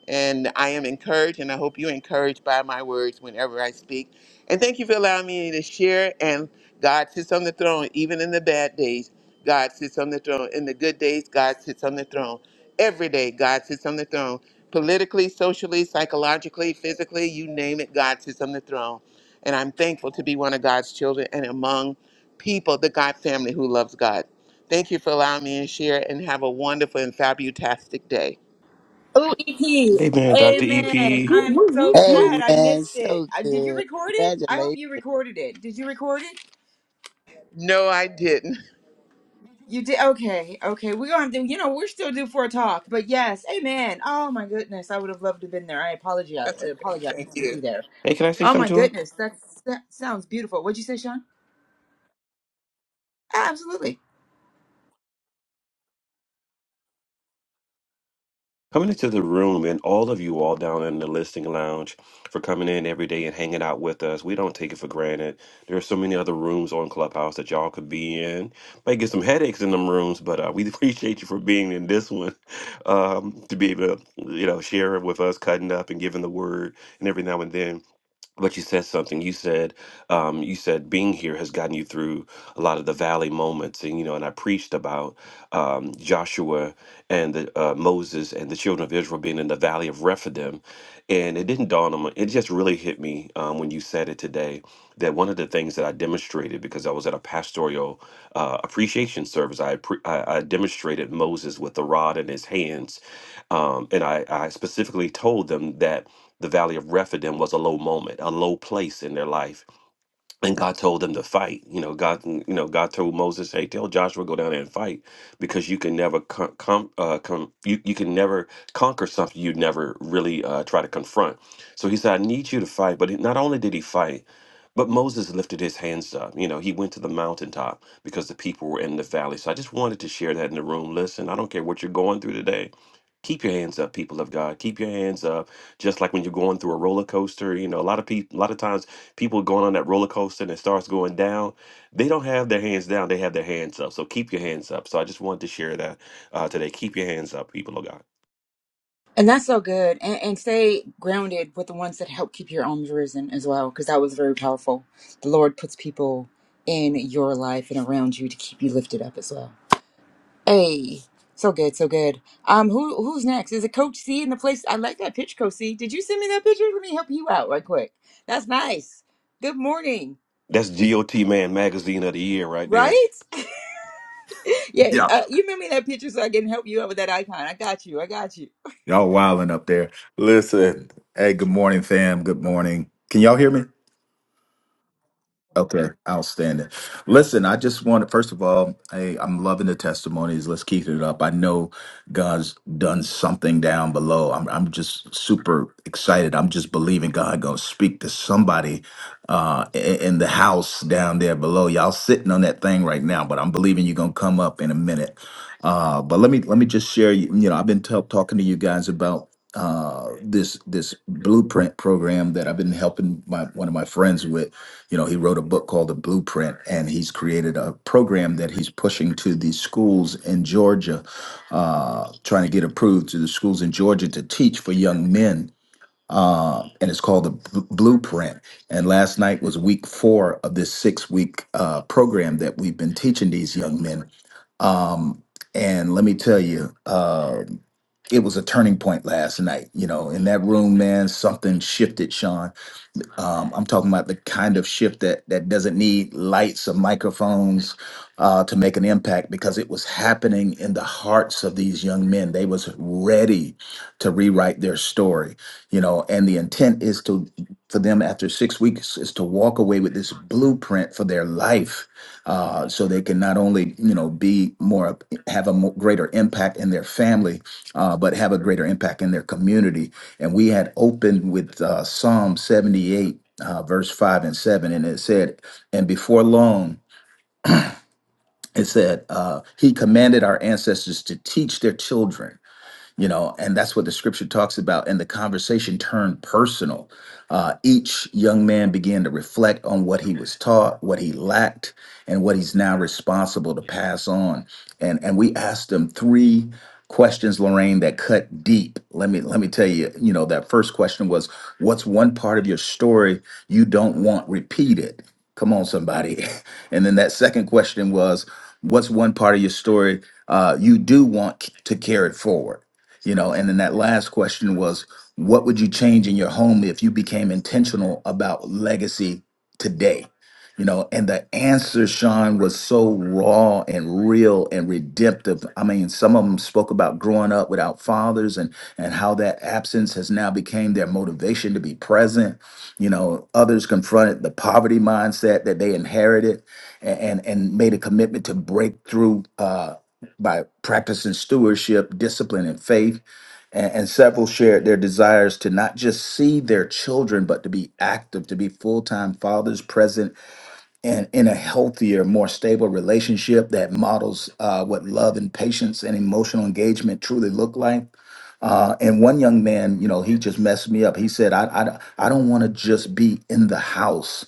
Speaker 7: And I am encouraged, and I hope you're encouraged by my words whenever I speak. And thank you for allowing me to share. And God sits on the throne, even in the bad days. God sits on the throne. In the good days, God sits on the throne. Every day, God sits on the throne. Politically, socially, psychologically, physically, you name it, God sits on the throne. And I'm thankful to be one of God's children and among people, the God family who loves God. Thank you for allowing me to share and have a wonderful and fabutastic day.
Speaker 1: Oh, EP.
Speaker 6: Hey, man, Dr. EP.
Speaker 1: Amen.
Speaker 4: whoop,
Speaker 6: Hey,
Speaker 1: I'm
Speaker 4: whoop,
Speaker 1: so
Speaker 4: whoop, whoop.
Speaker 1: sad. I
Speaker 2: Amen.
Speaker 1: missed it.
Speaker 2: So
Speaker 1: I, did you
Speaker 2: good.
Speaker 1: record it? I hope
Speaker 2: Congratulations.
Speaker 1: you recorded it. Did you record it?
Speaker 7: No, I didn't.
Speaker 1: You did. Okay. Okay. We're going to do, you know, we're still due for a talk, but yes. Amen. Oh, my goodness. I would have loved to have been there. I
Speaker 7: [LAUGHS]
Speaker 1: apologize.
Speaker 7: That's
Speaker 1: I
Speaker 7: okay.
Speaker 1: apologize.
Speaker 7: Thank
Speaker 1: I couldn't
Speaker 7: you.
Speaker 1: be there.
Speaker 6: can I say
Speaker 1: Oh, my
Speaker 6: something
Speaker 1: goodness. That's, that sounds beautiful. What'd you say, Sean? Absolutely.
Speaker 6: coming into the room and all of you all down in the listing lounge for coming in every day and hanging out with us. We don't take it for granted. There are so many other rooms on Clubhouse that y'all could be in. Might get some headaches in them rooms, but uh, we [LAUGHS] appreciate you for being in this one um, to be able to you know share it with us, cutting up and giving the word and every now and then but you said something you said um, you said being here has gotten you through a lot of the valley moments and you know and i preached about um, joshua and the, uh, moses and the children of israel being in the valley of rephidim and it didn't dawn on me it just really hit me um, when you said it today that one of the things that i demonstrated because i was at a pastoral uh, appreciation service I, appre I, I demonstrated moses with the rod in his hands um, and I, I specifically told them that the valley of Rephidim was a low moment, a low place in their life and God told them to fight. You know, God, you know, God told Moses, "Hey, tell Joshua go down there and fight, because you can never con- com- uh, com- you you can never conquer something you never really uh, try to confront." So he said, "I need you to fight." But he, not only did he fight, but Moses lifted his hands up. You know, he went to the mountaintop because the people were in the valley. So I just wanted to share that in the room. Listen, I don't care what you're going through today. Keep your hands up, people of God. Keep your hands up. Just like when you're going through a roller coaster, you know, a lot of people, a lot of times people going on that roller coaster and it starts going down, they don't have their hands down, they have their hands up. So keep your hands up. So I just wanted to share that uh, today. Keep your hands up, people of God.
Speaker 1: And that's so good. And, and stay grounded with the ones that help keep your arms risen as well, because that was very powerful. The Lord puts people in your life and around you to keep you lifted up as well. Hey, so good, so good. Um, who who's next? Is it Coach C in the place? I like that pitch, Coach C. Did you send me that picture? Let me help you out right quick. That's nice. Good morning.
Speaker 6: That's GOT Man Magazine of the Year right there.
Speaker 1: Right? [LAUGHS] yes.
Speaker 4: Yeah,
Speaker 1: Uh, you sent me that picture so I can help you out with that icon. I got you. I got you.
Speaker 4: y'all wilding up there. Listen, hey, good morning, fam. Good morning. Can y'all hear me? Okay, outstanding. Listen, I just want to, first of all, hey, I'm loving the testimonies. Let's keep it up. I know God's done something down below. I'm, I'm just super excited. I'm just believing God going to speak to somebody uh, i- in the house down there below. Y'all sitting on that thing right now, but I'm believing you're going to come up in a minute. Uh, but let me let me just share. You you know, I've been tell talking to you guys about uh, this this blueprint program that I've been helping my one of my friends with you know he wrote a book called the blueprint and he's created a program that he's pushing to these schools in georgia uh, trying to get approved to the schools in georgia to teach for young men uh, and it's called the Bl- blueprint and last night was week four of this six week uh, program that we've been teaching these young men um, and let me tell you uh, it was a turning point last night you know in that room man something shifted sean um, I'm talking about the kind of shift that that doesn't need lights or microphones uh, to make an impact because it was happening in the hearts of these young men. They was ready to rewrite their story, you know. And the intent is to for them after six weeks is to walk away with this blueprint for their life, uh, so they can not only you know be more have a mo- greater impact in their family, uh, but have a greater impact in their community. And we had opened with uh, Psalm 78, uh, verse 5 and 7, and it said, And before long, it said, uh, He commanded our ancestors to teach their children you know and that's what the scripture talks about and the conversation turned personal uh, each young man began to reflect on what he was taught what he lacked and what he's now responsible to pass on and and we asked them three questions lorraine that cut deep let me let me tell you you know that first question was what's one part of your story you don't want repeated come on somebody [LAUGHS] and then that second question was what's one part of your story uh, you do want c- to carry forward you know and then that last question was what would you change in your home if you became intentional about legacy today you know and the answer sean was so raw and real and redemptive i mean some of them spoke about growing up without fathers and and how that absence has now became their motivation to be present you know others confronted the poverty mindset that they inherited a- and and made a commitment to break through Uh, by practicing stewardship, discipline, and faith. And, and several shared their desires to not just see their children, but to be active, to be full time fathers present and in a healthier, more stable relationship that models uh, what love and patience and emotional engagement truly look like. Uh, and one young man, you know, he just messed me up. He said, I, I, I don't want to just be in the house,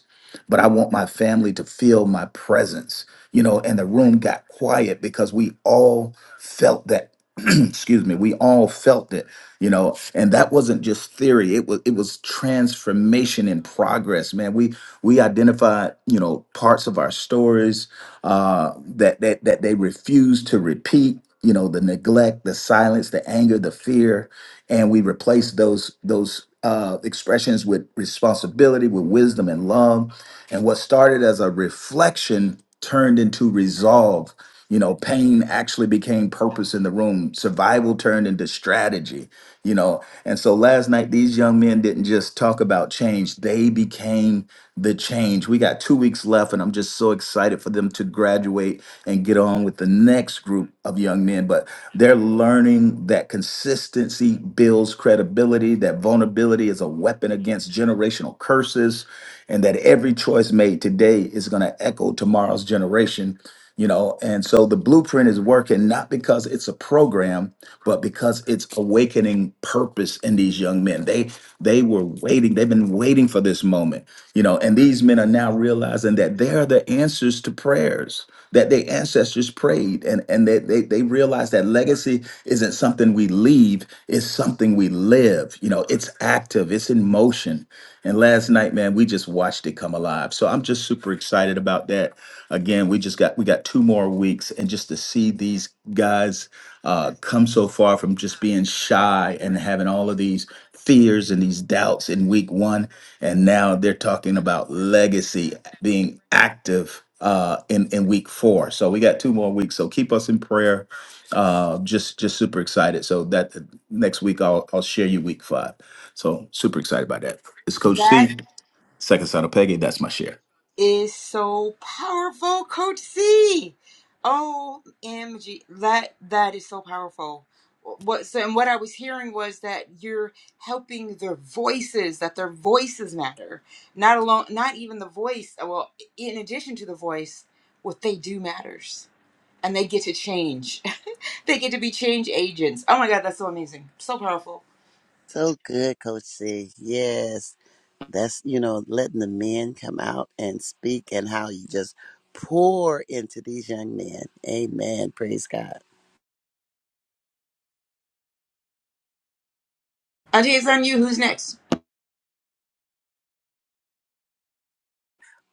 Speaker 4: but I want my family to feel my presence, you know, and the room got quiet because we all felt that. [CLEARS THROAT] excuse me we all felt it you know and that wasn't just theory it was it was transformation in progress man we we identified you know parts of our stories uh, that that that they refuse to repeat. You know, the neglect, the silence, the anger, the fear, and we replace those those uh, expressions with responsibility, with wisdom and love. And what started as a reflection turned into resolve. You know, pain actually became purpose in the room. Survival turned into strategy. You know, and so last night these young men didn't just talk about change; they became the change. We got two weeks left, and I'm just so excited for them to graduate and get on with the next group of young men. But they're learning that consistency builds credibility, that vulnerability is a weapon against generational curses, and that every choice made today is going to echo tomorrow's generation. You know, and so the blueprint is working not because it's a program, but because it's awakening purpose in these young men. They they were waiting, they've been waiting for this moment you know and these men are now realizing that they're the answers to prayers that their ancestors prayed and and they, they they realize that legacy isn't something we leave it's something we live you know it's active it's in motion and last night man we just watched it come alive so i'm just super excited about that again we just got we got two more weeks and just to see these guys uh, come so far from just being shy and having all of these fears and these doubts in week one. And now they're talking about legacy being active uh, in, in week four. So we got two more weeks. So keep us in prayer. Uh, just just super excited. So that next week I'll I'll share you week five. So super excited about that. It's Coach C, second son of Peggy. That's my share.
Speaker 1: Is so powerful, Coach C. OMG, that that is so powerful. What so, and what I was hearing was that you're helping their voices, that their voices matter. Not alone, not even the voice. uh, Well, in addition to the voice, what they do matters, and they get to change. [LAUGHS] they get to be change agents. Oh my God, that's so amazing, so powerful.
Speaker 2: So good, Coach C. Yes. That's, you know, letting the men come out and speak and how you just pour into these young men. Amen. Praise God.
Speaker 1: Auntie, it's on you. Who's next?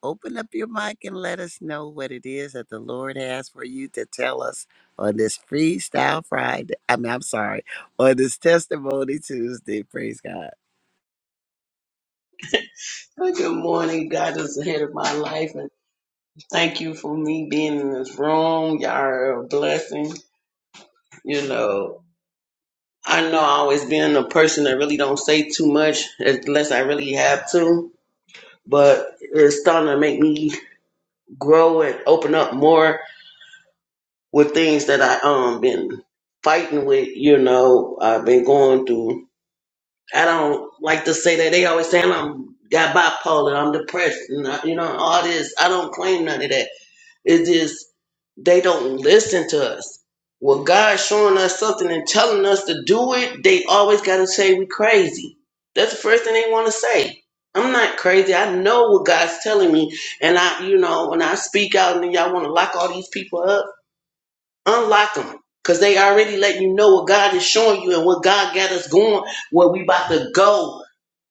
Speaker 2: Open up your mic and let us know what it is that the Lord has for you to tell us on this Freestyle Friday. I mean, I'm sorry, on this Testimony Tuesday. Praise God.
Speaker 8: Well, Good morning. God is ahead of my life. And thank you for me being in this room. Y'all are a blessing. You know, I know I always been a person that really don't say too much unless I really have to, but it's starting to make me grow and open up more with things that I um been fighting with, you know, I've been going through. I don't like to say that they always saying I'm got bipolar, I'm depressed, and I, you know, all this. I don't claim none of that. It is they don't listen to us. When God's showing us something and telling us to do it, they always got to say we crazy. That's the first thing they want to say. I'm not crazy. I know what God's telling me, and I, you know, when I speak out and y'all want to lock all these people up. Unlock them. Because they already let you know what God is showing you and what God got us going, where we about to go.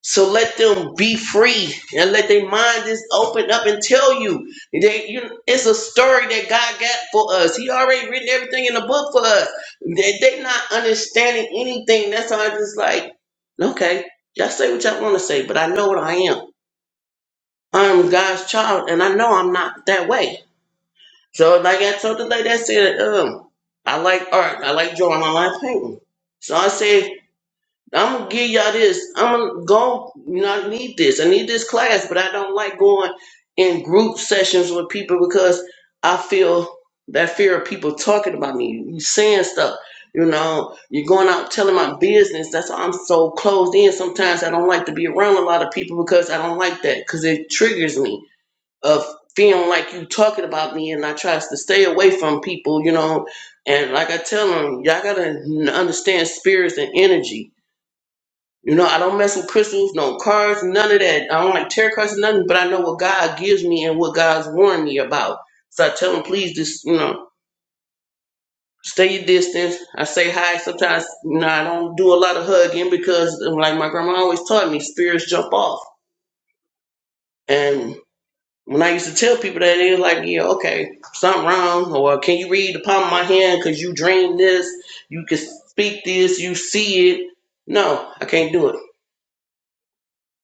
Speaker 8: So let them be free and let their mind just open up and tell you. They, you it's a story that God got for us. He already written everything in the book for us. They, they not understanding anything. That's why I just like, okay, y'all say what y'all want to say, but I know what I am. I'm God's child and I know I'm not that way. So like I told the lady, I said, um, I like art, I like drawing, I like painting. So I said, I'm gonna give y'all this. I'm gonna go. You know, I need this. I need this class, but I don't like going in group sessions with people because I feel that fear of people talking about me, you saying stuff. You know, you're going out telling my business. That's why I'm so closed in. Sometimes I don't like to be around a lot of people because I don't like that because it triggers me of feeling like you talking about me and I tries to stay away from people, you know. And like I tell them, y'all gotta understand spirits and energy. You know, I don't mess with crystals, no cards, none of that. I don't like tarot cards, or nothing. But I know what God gives me and what God's warned me about. So I tell them, please, just you know, stay your distance. I say hi sometimes. You know, I don't do a lot of hugging because, like my grandma always taught me, spirits jump off. And When I used to tell people that, they was like, yeah, okay, something wrong. Or can you read the palm of my hand because you dream this, you can speak this, you see it. No, I can't do it.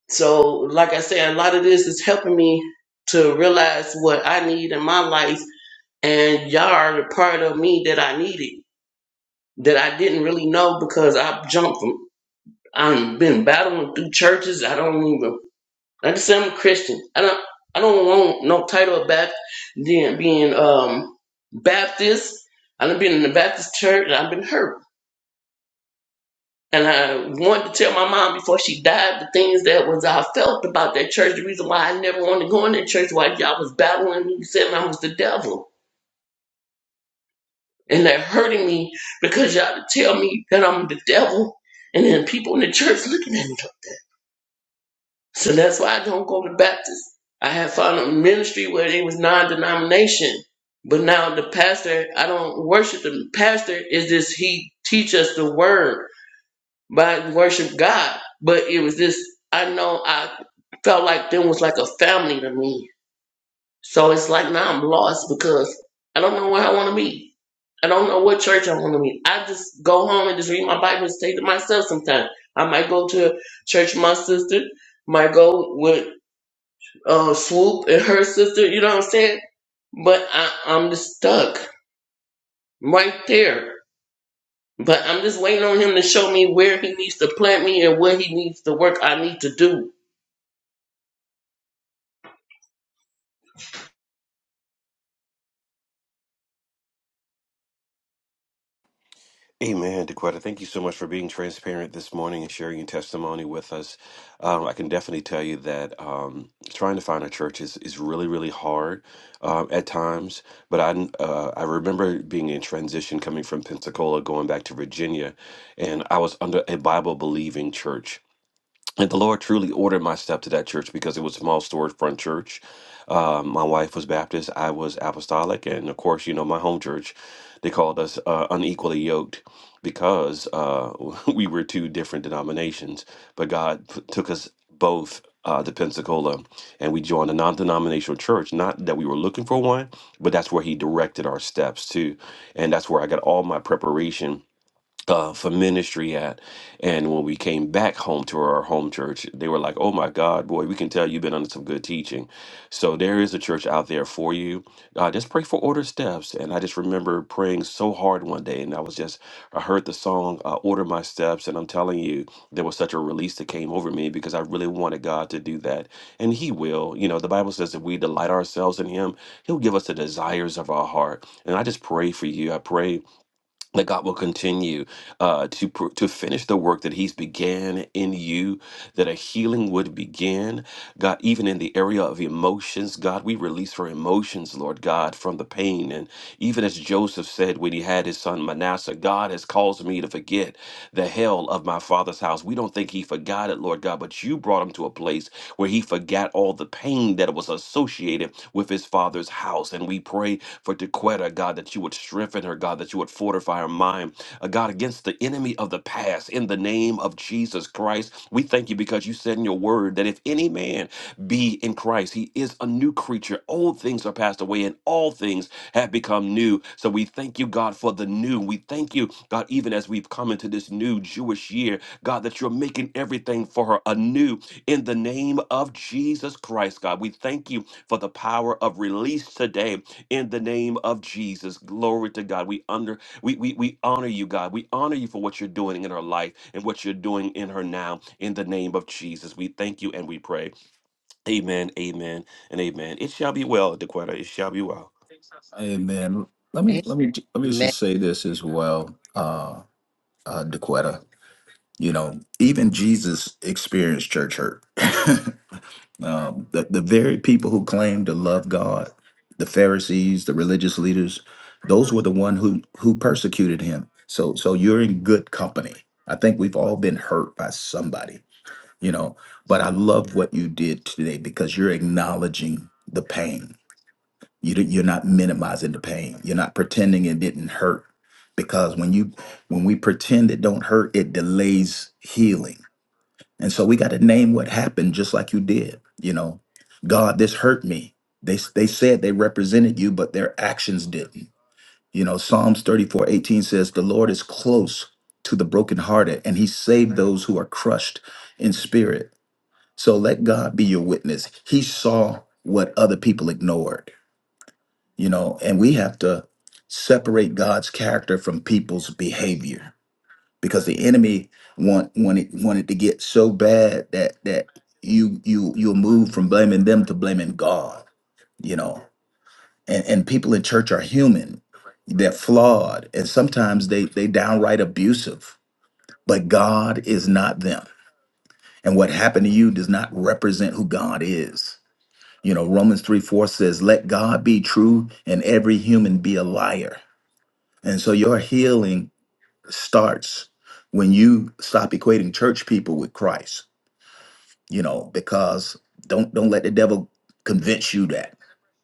Speaker 8: So, like I said, a lot of this is helping me to realize what I need in my life. And y'all are the part of me that I needed, that I didn't really know because I jumped from, I've been battling through churches. I don't even I just say I'm a Christian. I don't I don't want no title of Baptist being being um Baptist. I done been in the Baptist church and I've been hurt. And I wanted to tell my mom before she died the things that was I felt about that church. The reason why I never wanted to go in that church, why y'all was battling me, saying I was the devil. And that hurting me because y'all tell me that I'm the devil. And then people in the church looking at me. like, So that's why I don't go to Baptist. I had found a ministry where it was non-denomination, but now the pastor, I don't worship the pastor. Is this he teach us the word by worship God? But it was this I know I felt like them was like a family to me. So it's like now I'm lost because I don't know where I want to be. I don't know what church I want to be. I just go home and just read my Bible and stay to myself. Sometimes I might go to a church with my sister might go with uh, Swoop and her sister, you know what I'm saying? But I, I'm just stuck right there. But I'm just waiting on him to show me where he needs to plant me and what he needs to work I need to do.
Speaker 6: Amen, DeQuetta. Thank you so much for being transparent this morning and sharing your testimony with us. Um, I can definitely tell you that um, trying to find a church is, is really, really hard um, at times. But I uh, I remember being in transition coming from Pensacola, going back to Virginia, and I was under a Bible believing church. And the Lord truly ordered my step to that church because it was a small storage front church. Um, my wife was Baptist, I was apostolic, and of course, you know, my home church, they called us uh, unequally yoked because uh, [LAUGHS] we were two different denominations. But God p- took us both uh, to Pensacola, and we joined a non-denominational church. Not that we were looking for one, but that's where He directed our steps to, and that's where I got all my preparation uh, for ministry at. And when we came back home to our home church, they were like, oh my God, boy, we can tell you've been under some good teaching. So there is a church out there for you. Uh, just pray for Order Steps. And I just remember praying so hard one day. And I was just, I heard the song, uh, Order My Steps. And I'm telling you, there was such a release that came over me because I really wanted God to do that. And He will. You know, the Bible says if we delight ourselves in Him, He'll give us the desires of our heart. And I just pray for you. I pray that God will continue uh, to pr- to finish the work that He's began in you, that a healing would begin. God, even in the area of emotions, God, we release our emotions, Lord God, from the pain. And even as Joseph said when he had his son Manasseh, God has caused me to forget the hell of my father's house. We don't think he forgot it, Lord God, but you brought him to a place where he forgot all the pain that was associated associated with his father's house. And we pray for Dequetta, God, that you would strengthen her, God, that you would fortify her mind, uh, God, against the enemy of the past. In the name of Jesus Christ, we thank you because you said in your word that if any man be in Christ, he is a new creature. Old things are passed away, and all things have become new. So we thank you, God, for the new. We thank you, God, even as we've come into this new Jewish year, God, that you're making everything for her anew in the name of Jesus Christ, God. We thank you for the power of release today in the name of Jesus. Glory to God. We under we, we we honor you, God. We honor you for what you're doing in her life and what you're doing in her now in the name of Jesus. We thank you and we pray. Amen. Amen and amen. It shall be well, Dequetta. It shall be well.
Speaker 4: Hey man, let me let me let me
Speaker 2: Amen.
Speaker 4: just say this as well, uh, uh Dequetta. You know, even Jesus experienced church hurt. [LAUGHS] um, the the very people who claimed to love God, the Pharisees, the religious leaders, those were the one who who persecuted him. So so you're in good company. I think we've all been hurt by somebody, you know. But I love what you did today because you're acknowledging the pain you, you're not minimizing the pain. You're not pretending it didn't hurt. Because when you when we pretend it don't hurt, it delays healing. And so we got to name what happened, just like you did. You know, God, this hurt me. They they said they represented you, but their actions didn't. You know, Psalms 34:18 says, "The Lord is close to the brokenhearted, and He saved those who are crushed in spirit." So let God be your witness. He saw what other people ignored you know, and we have to separate God's character from people's behavior because the enemy want wanted wanted to get so bad that that you you you'll move from blaming them to blaming God, you know. And and people in church are human. They're flawed and sometimes they they downright abusive. But God is not them. And what happened to you does not represent who God is. You know, Romans 3 4 says, Let God be true and every human be a liar And so your healing starts when you stop equating church people with Christ, you know, because don't don't let the devil convince you that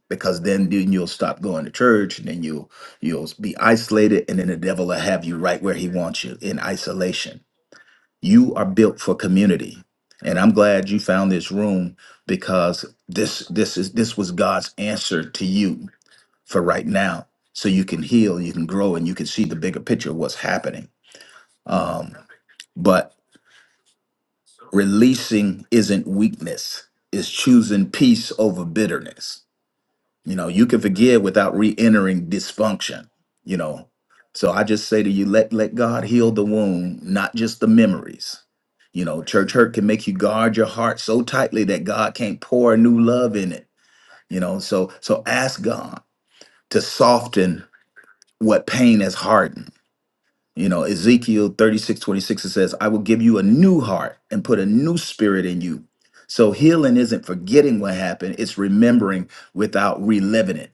Speaker 4: because then, then you'll stop going to church and then you'll you'll be isolated and then the devil will have you right where he wants you in isolation. You are built for community. And I'm glad you found this room because this this is this was God's answer to you for right now. So you can heal, you can grow, and you can see the bigger picture of what's happening um, but releasing isn't weakness, it's choosing peace over bitterness. You know, you can forgive without re entering dysfunction, you know. So I just say to you, let, let God heal the wound, not just the memories. You know, church hurt can make you guard your heart so tightly that God can't pour a new love in it. You know, so so ask God to soften what pain has hardened You know, Ezekiel 36 26. it says, I will give you a new heart and put a new spirit in you. So healing isn't forgetting what happened, it's remembering without reliving it,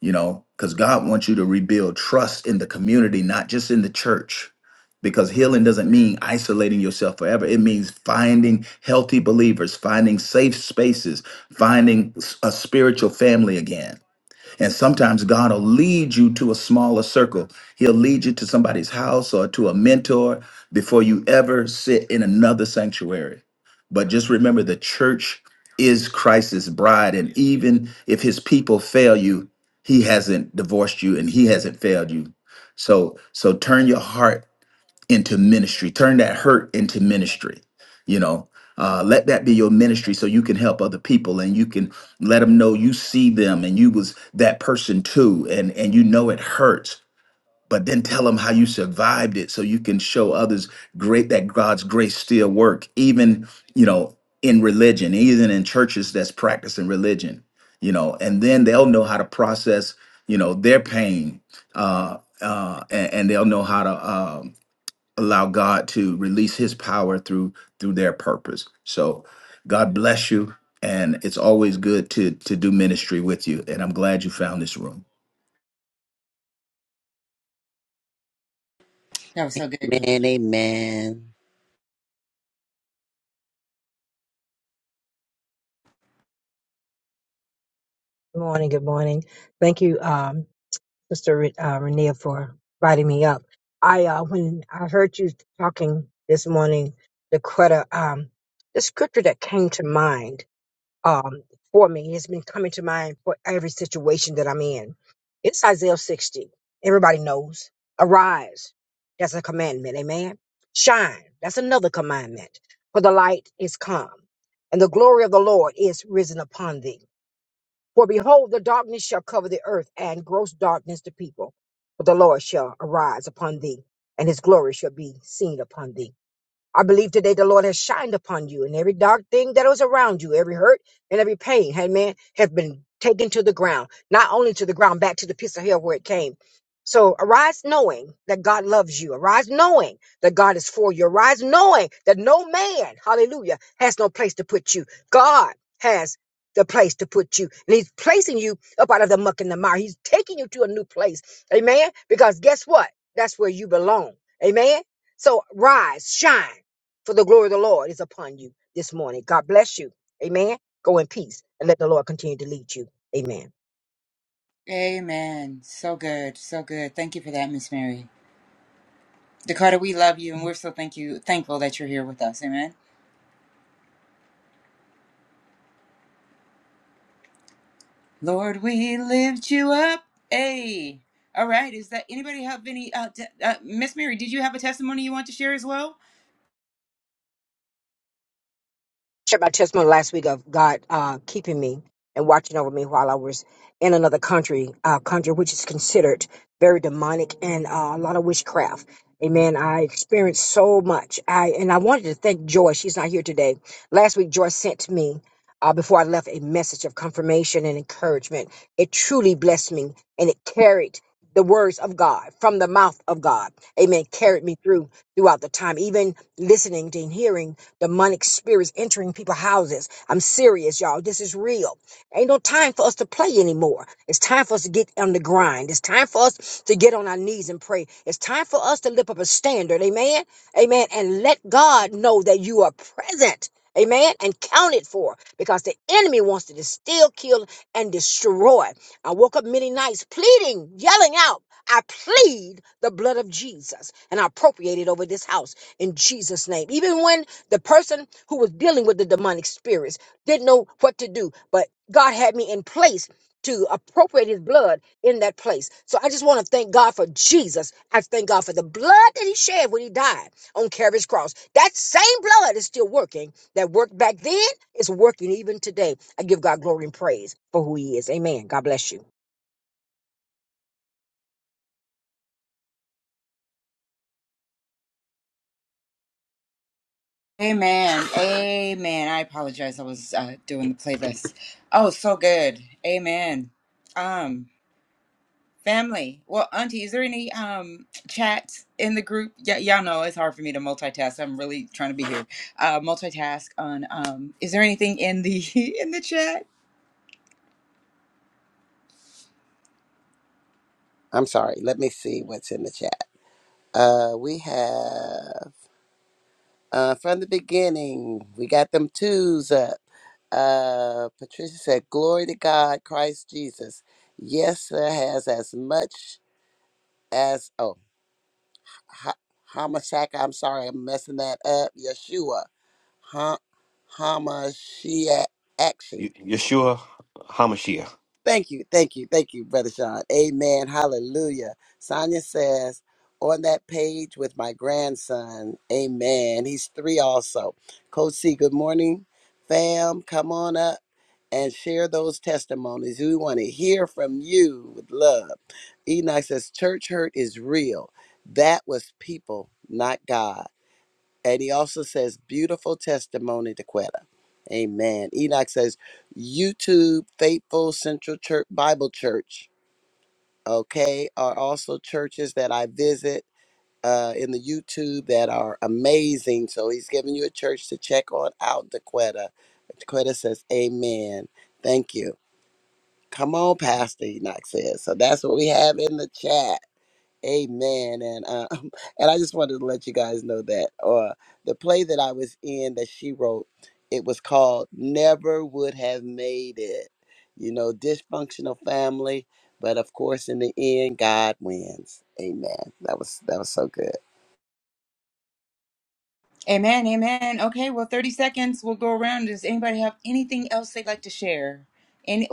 Speaker 4: you know, because God wants you to rebuild trust in the community, not just in the church. Because healing doesn't mean isolating yourself forever. It means finding healthy believers, finding safe spaces, finding s- a spiritual family again and sometimes God will lead you to a smaller circle. He'll lead you to somebody's house or to a mentor before you ever sit in another sanctuary. But just remember the church is Christ's bride. And even if his people fail you, he hasn't divorced you and he hasn't failed you. So so turn your heart into ministry. Turn that hurt into ministry. You know, uh, let that be your ministry so you can help other people and you can let them know you see them and you was that person too, and and you know it hurts. But then tell them how you survived it, so you can show others great that God's grace still work, even you know in religion, even in churches that's practicing religion, you know. And then they'll know how to process, you know, their pain, uh, uh, and, and they'll know how to um, allow God to release his power through through their purpose. So God bless you and it's always good to to do ministry with you and I'm glad you found this room.
Speaker 1: That was so good. Cl-
Speaker 2: Amen. Amen.
Speaker 9: Good morning. Good morning. Thank you, um, Sister Re- uh, Renea, for inviting me up. I uh, when I heard you talking this morning, Dequetta, um, the scripture that came to mind um, for me has been coming to mind for every situation that I'm in. It's Isaiah 60. Everybody knows. Arise. That's a commandment. Amen. Shine. That's another commandment. For the light is come, and the glory of the Lord is risen upon thee. For behold, the darkness shall cover the earth, and gross darkness the people. But the Lord shall arise upon thee, and his glory shall be seen upon thee. I believe today the Lord has shined upon you, and every dark thing that was around you, every hurt and every pain, amen, has been taken to the ground, not only to the ground, back to the piece of hell where it came. So arise knowing that God loves you. Arise knowing that God is for you. Arise knowing that no man, hallelujah, has no place to put you. God has the place to put you. And he's placing you up out of the muck and the mire. He's taking you to a new place. Amen. Because guess what? That's where you belong. Amen. So rise, shine. For the glory of the Lord is upon you this morning. God bless you. Amen. Go in peace and let the Lord continue to lead you. Amen.
Speaker 1: Amen. So good. So good. Thank you for that, Miss Mary. Dakota, we love you and we're so thank you thankful that you're here with us. Amen. Lord, we lift you up. Hey. All right. Is that anybody have any? Uh, t- uh, Miss Mary, did you have a testimony you want to share as well?
Speaker 9: shared my testimony last week of God uh, keeping me and watching over me while I was in another country, uh, country which is considered very demonic and uh, a lot of witchcraft. Amen. I experienced so much. I and I wanted to thank Joy. She's not here today. Last week, Joy sent me. Uh, before I left, a message of confirmation and encouragement. It truly blessed me and it carried the words of God from the mouth of God. Amen. Carried me through throughout the time, even listening and hearing demonic spirits entering people's houses. I'm serious, y'all. This is real. Ain't no time for us to play anymore. It's time for us to get on the grind. It's time for us to get on our knees and pray. It's time for us to lift up a standard. Amen. Amen. And let God know that you are present. Amen. And counted for because the enemy wants to steal, kill, and destroy. I woke up many nights pleading, yelling out. I plead the blood of Jesus and I appropriate it over this house in Jesus' name. Even when the person who was dealing with the demonic spirits didn't know what to do, but God had me in place to appropriate his blood in that place. So I just want to thank God for Jesus. I thank God for the blood that he shed when he died on Calvary's cross. That same blood is still working. That worked back then is working even today. I give God glory and praise for who he is. Amen. God bless you.
Speaker 1: Amen. [LAUGHS] Amen. I apologize. I was uh, doing the playlist. Oh, so good. Amen. Um, family. Well, Auntie, is there any um chats in the group? Yeah, y'all know it's hard for me to multitask. I'm really trying to be here. Uh, multitask on. Um, is there anything in the [LAUGHS] in the chat?
Speaker 2: I'm sorry. Let me see what's in the chat. Uh, we have uh, from the beginning, we got them twos up. Uh, Patricia said, Glory to God, Christ Jesus. Yes, sir, has as much as, oh, ha- Hamashiach, I'm sorry, I'm messing that up. Yeshua, ha- Hamashiach,
Speaker 6: Ye- Yeshua HaMashiach.
Speaker 2: Thank you, thank you, thank you, Brother Sean. Amen. Hallelujah. Sonia says, on that page with my grandson. Amen. He's three also. Coach C, good morning. Fam, come on up and share those testimonies. We want to hear from you with love. Enoch says, church hurt is real. That was people, not God. And he also says, beautiful testimony to Quetta. Amen. Enoch says, YouTube, Faithful Central Church, Bible Church, okay, are also churches that I visit uh, in the YouTube that are amazing. So he's giving you a church to check on out, DeQuetta. DeQuetta says, Amen. Thank you. Come on, Pastor, Enoch says. So that's what we have in the chat. Amen. And um, [LAUGHS] and I just wanted to let you guys know that uh, the play that I was in that she wrote, it was called Never Would Have Made It. You know, dysfunctional family, but of course in the end God wins. Amen. That was that was so good.
Speaker 1: Amen, amen. Okay, well, 30 seconds. We'll go around. Does anybody have anything else they'd like to share? And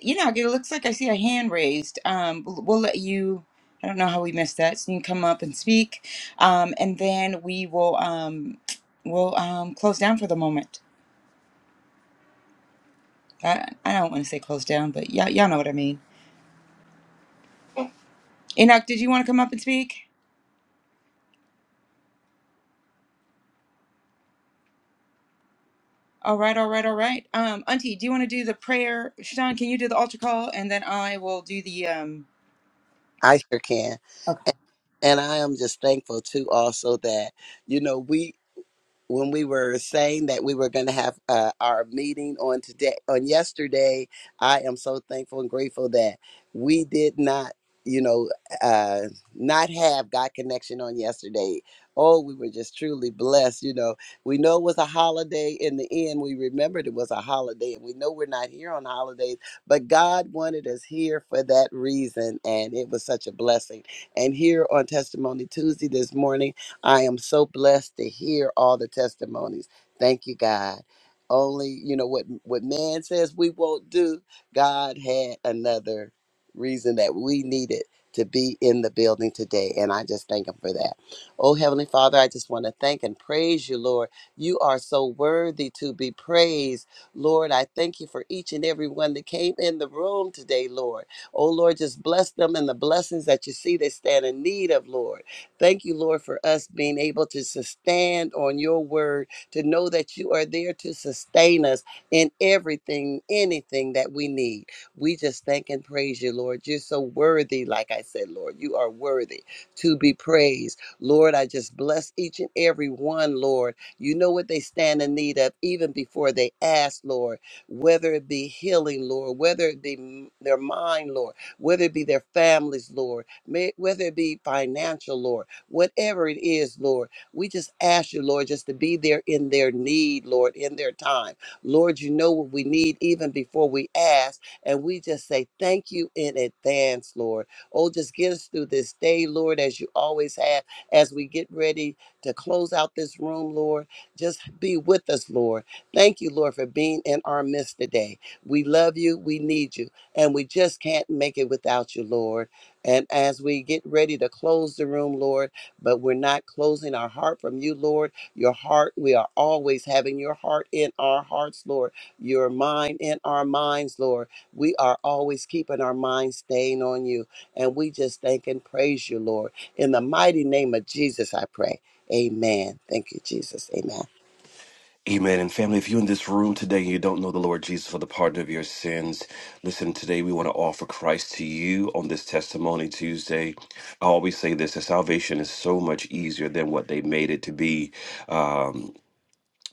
Speaker 1: you know, it looks like I see a hand raised. Um, we'll we'll let you. I don't know how we missed that. So you can come up and speak, um, and then we will um, we'll um, close down for the moment. I, I don't want to say close down, but y'all, y'all know what I mean. Enoch, did you want to come up and speak? All right, all right, all right. Um, Auntie, do you want to do the prayer? Sean, can you do the altar call, and then I will do the um,
Speaker 2: I sure can. And I am just thankful too also that, you know, we when we were saying that we were going to have uh, our meeting on today on yesterday i am so thankful and grateful that we did not you know uh not have god connection on yesterday oh we were just truly blessed you know we know it was a holiday in the end we remembered it was a holiday and we know we're not here on holidays but god wanted us here for that reason and it was such a blessing and here on testimony tuesday this morning I am so blessed to hear all the testimonies. Thank you, God. Only, you know, what what man says we won't do, God had another reason that we needed to be in the building today. And I just thank him for that. Oh, Heavenly Father, I just want to thank and praise you, Lord. You are so worthy to be praised. Lord, I thank you for each and every one that came in the room today, Lord. Oh, Lord, just bless them and the blessings that you see they stand in need of, Lord. Thank you, Lord, for us being able to stand on your word, to know that you are there to sustain us in everything, anything that we need. We just thank and praise you, Lord. You're so worthy, like I said, Lord. You are worthy to be praised. Lord, I just bless each and every one, Lord. You know what they stand in need of even before they ask, Lord, whether it be healing, Lord, whether it be m- their mind, Lord, whether it be their families, Lord, may, whether it be financial, Lord whatever it is, Lord. We just ask you, Lord, just to be there in their need, Lord, in their time. Lord, you know what we need even before we ask. And we just say thank you in advance, Lord. Oh, just get us through this day, Lord, as you always have, as we get ready to close out this room, Lord. Just be with us, Lord. Thank you, Lord, for being in our midst today. We love you, we need you, and we just can't make it without you, Lord. And as we get ready to close the room, Lord, but we're not closing our heart from you, Lord. Your heart, we are always having your heart in our hearts, Lord. Your mind in our minds, Lord. We are always keeping our minds staying on you. And we just thank and praise you, Lord. In the mighty name of Jesus, I pray. Amen. Thank you, Jesus. Amen.
Speaker 6: Amen. And family, if you're in this room today and you don't know the Lord Jesus for the pardon of your sins, listen, today we want to offer Christ to you on this Testimony Tuesday. I always say this that salvation is so much easier than what they made it to be. Um,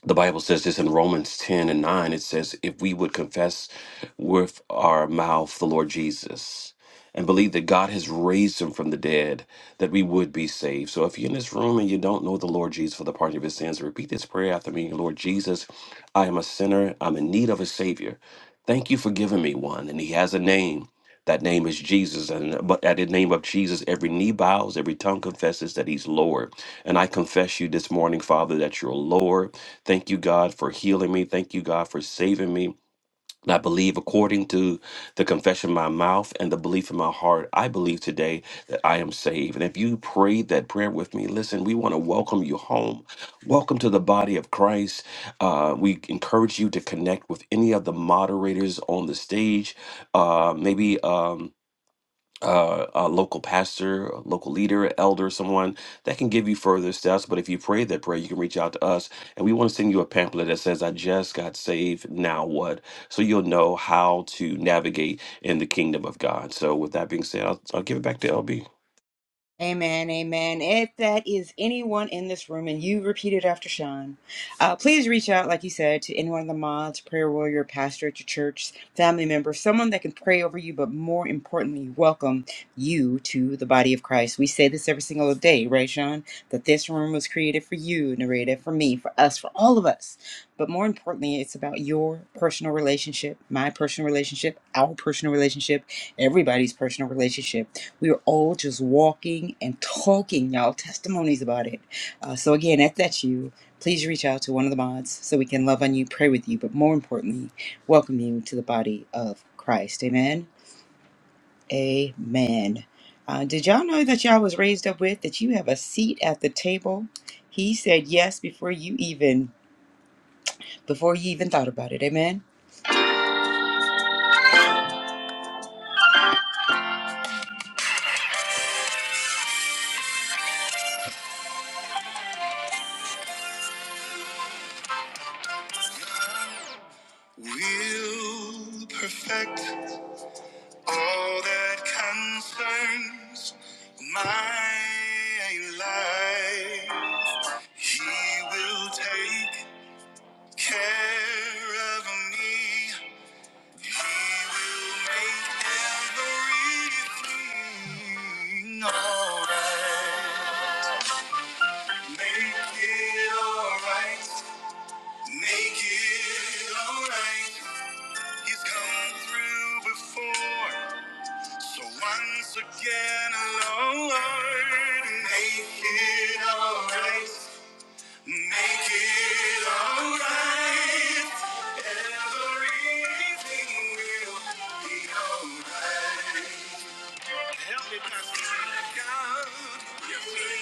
Speaker 6: the Bible says this in Romans 10 and 9. It says, If we would confess with our mouth the Lord Jesus and believe that God has raised him from the dead, that we would be saved. So if you're in this room and you don't know the Lord Jesus for the pardon of his sins, repeat this prayer after me Lord Jesus, I am a sinner. I'm in need of a Savior. Thank you for giving me one. And he has a name. That name is Jesus. And but at the name of Jesus, every knee bows, every tongue confesses that he's Lord. And I confess you this morning, Father, that you're Lord Thank you, God, for healing me. Thank you, God, for saving me. And I believe, according to the confession of my mouth and the belief in my heart, I believe today that I am saved. And if you prayed that prayer with me, listen, we want to welcome you home. Welcome to the body of Christ. Uh, we encourage you to connect with any of the moderators on the stage. Uh, maybe. Um, uh, a local pastor, a local leader, elder, someone that can give you further steps. But if you pray that prayer, you can reach out to us, and we want to send you a pamphlet that says, "I just got saved. Now what?" So you'll know how to navigate in the kingdom of God. So with that being said, I'll, I'll give it back to LB.
Speaker 1: Amen, amen. If that is anyone in this room and you repeat it after Sean, uh, please reach out, like you said, to any one of the mods, prayer warrior, pastor at your church, family member, someone that can pray over you, but more importantly, welcome you to the body of Christ. We say this every single day, right, Sean? That this room was created for you, narrated for me, for us, for all of us. But more importantly, it's about your personal relationship, my personal relationship, our personal relationship, everybody's personal relationship we were all just walking and talking, y'all, testimonies about it. Uh, so, again, if that's you, please reach out to one of the mods so we can love on you, pray with you, but more importantly, welcome you to the body of Christ. Amen. Amen. Uh, did y'all know that y'all was raised up with that you have a seat at the table? He said yes before you even before you even thought about it. Amen. Will perfect. All that concerns my life, He will take care of me. He will make everything alright. Make it alright. Make it alright. He's come through before. So once again, Lord, make it alright. Make it alright. Everything will be alright. Help me, Pastor God. You will.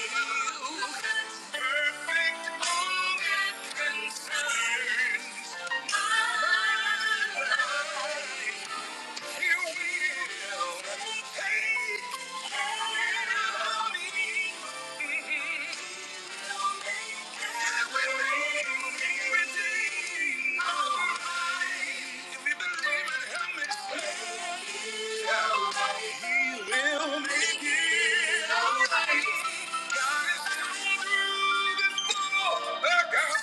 Speaker 1: Perfect all that concerns my life.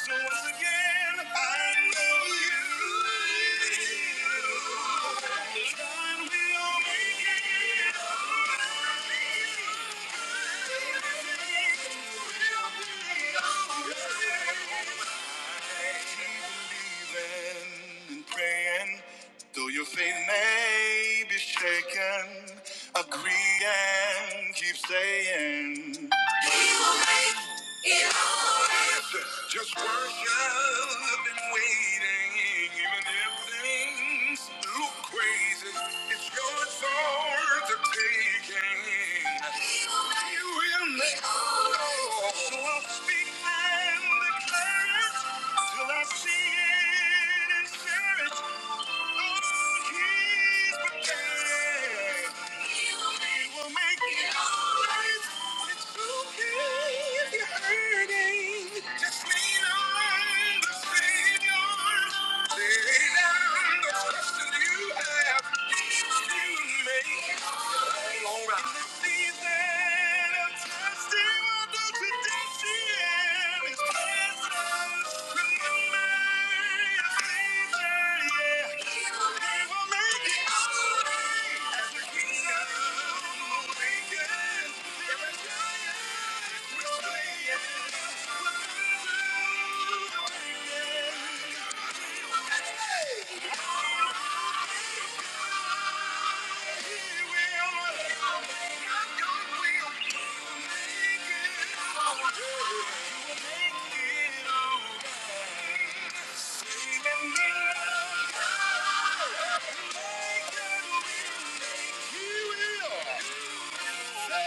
Speaker 1: Once again. Though your faith may be shaken, agree and keep saying. Just worship and waiting, even if things look crazy. It's yours for the taking. You will make all. So I'll speak and declare it till I see it and share it. We will make it alright. It's okay if you're hurting. Just know I'm the savior. Lay down the trust that you have in me. Yeah. He will.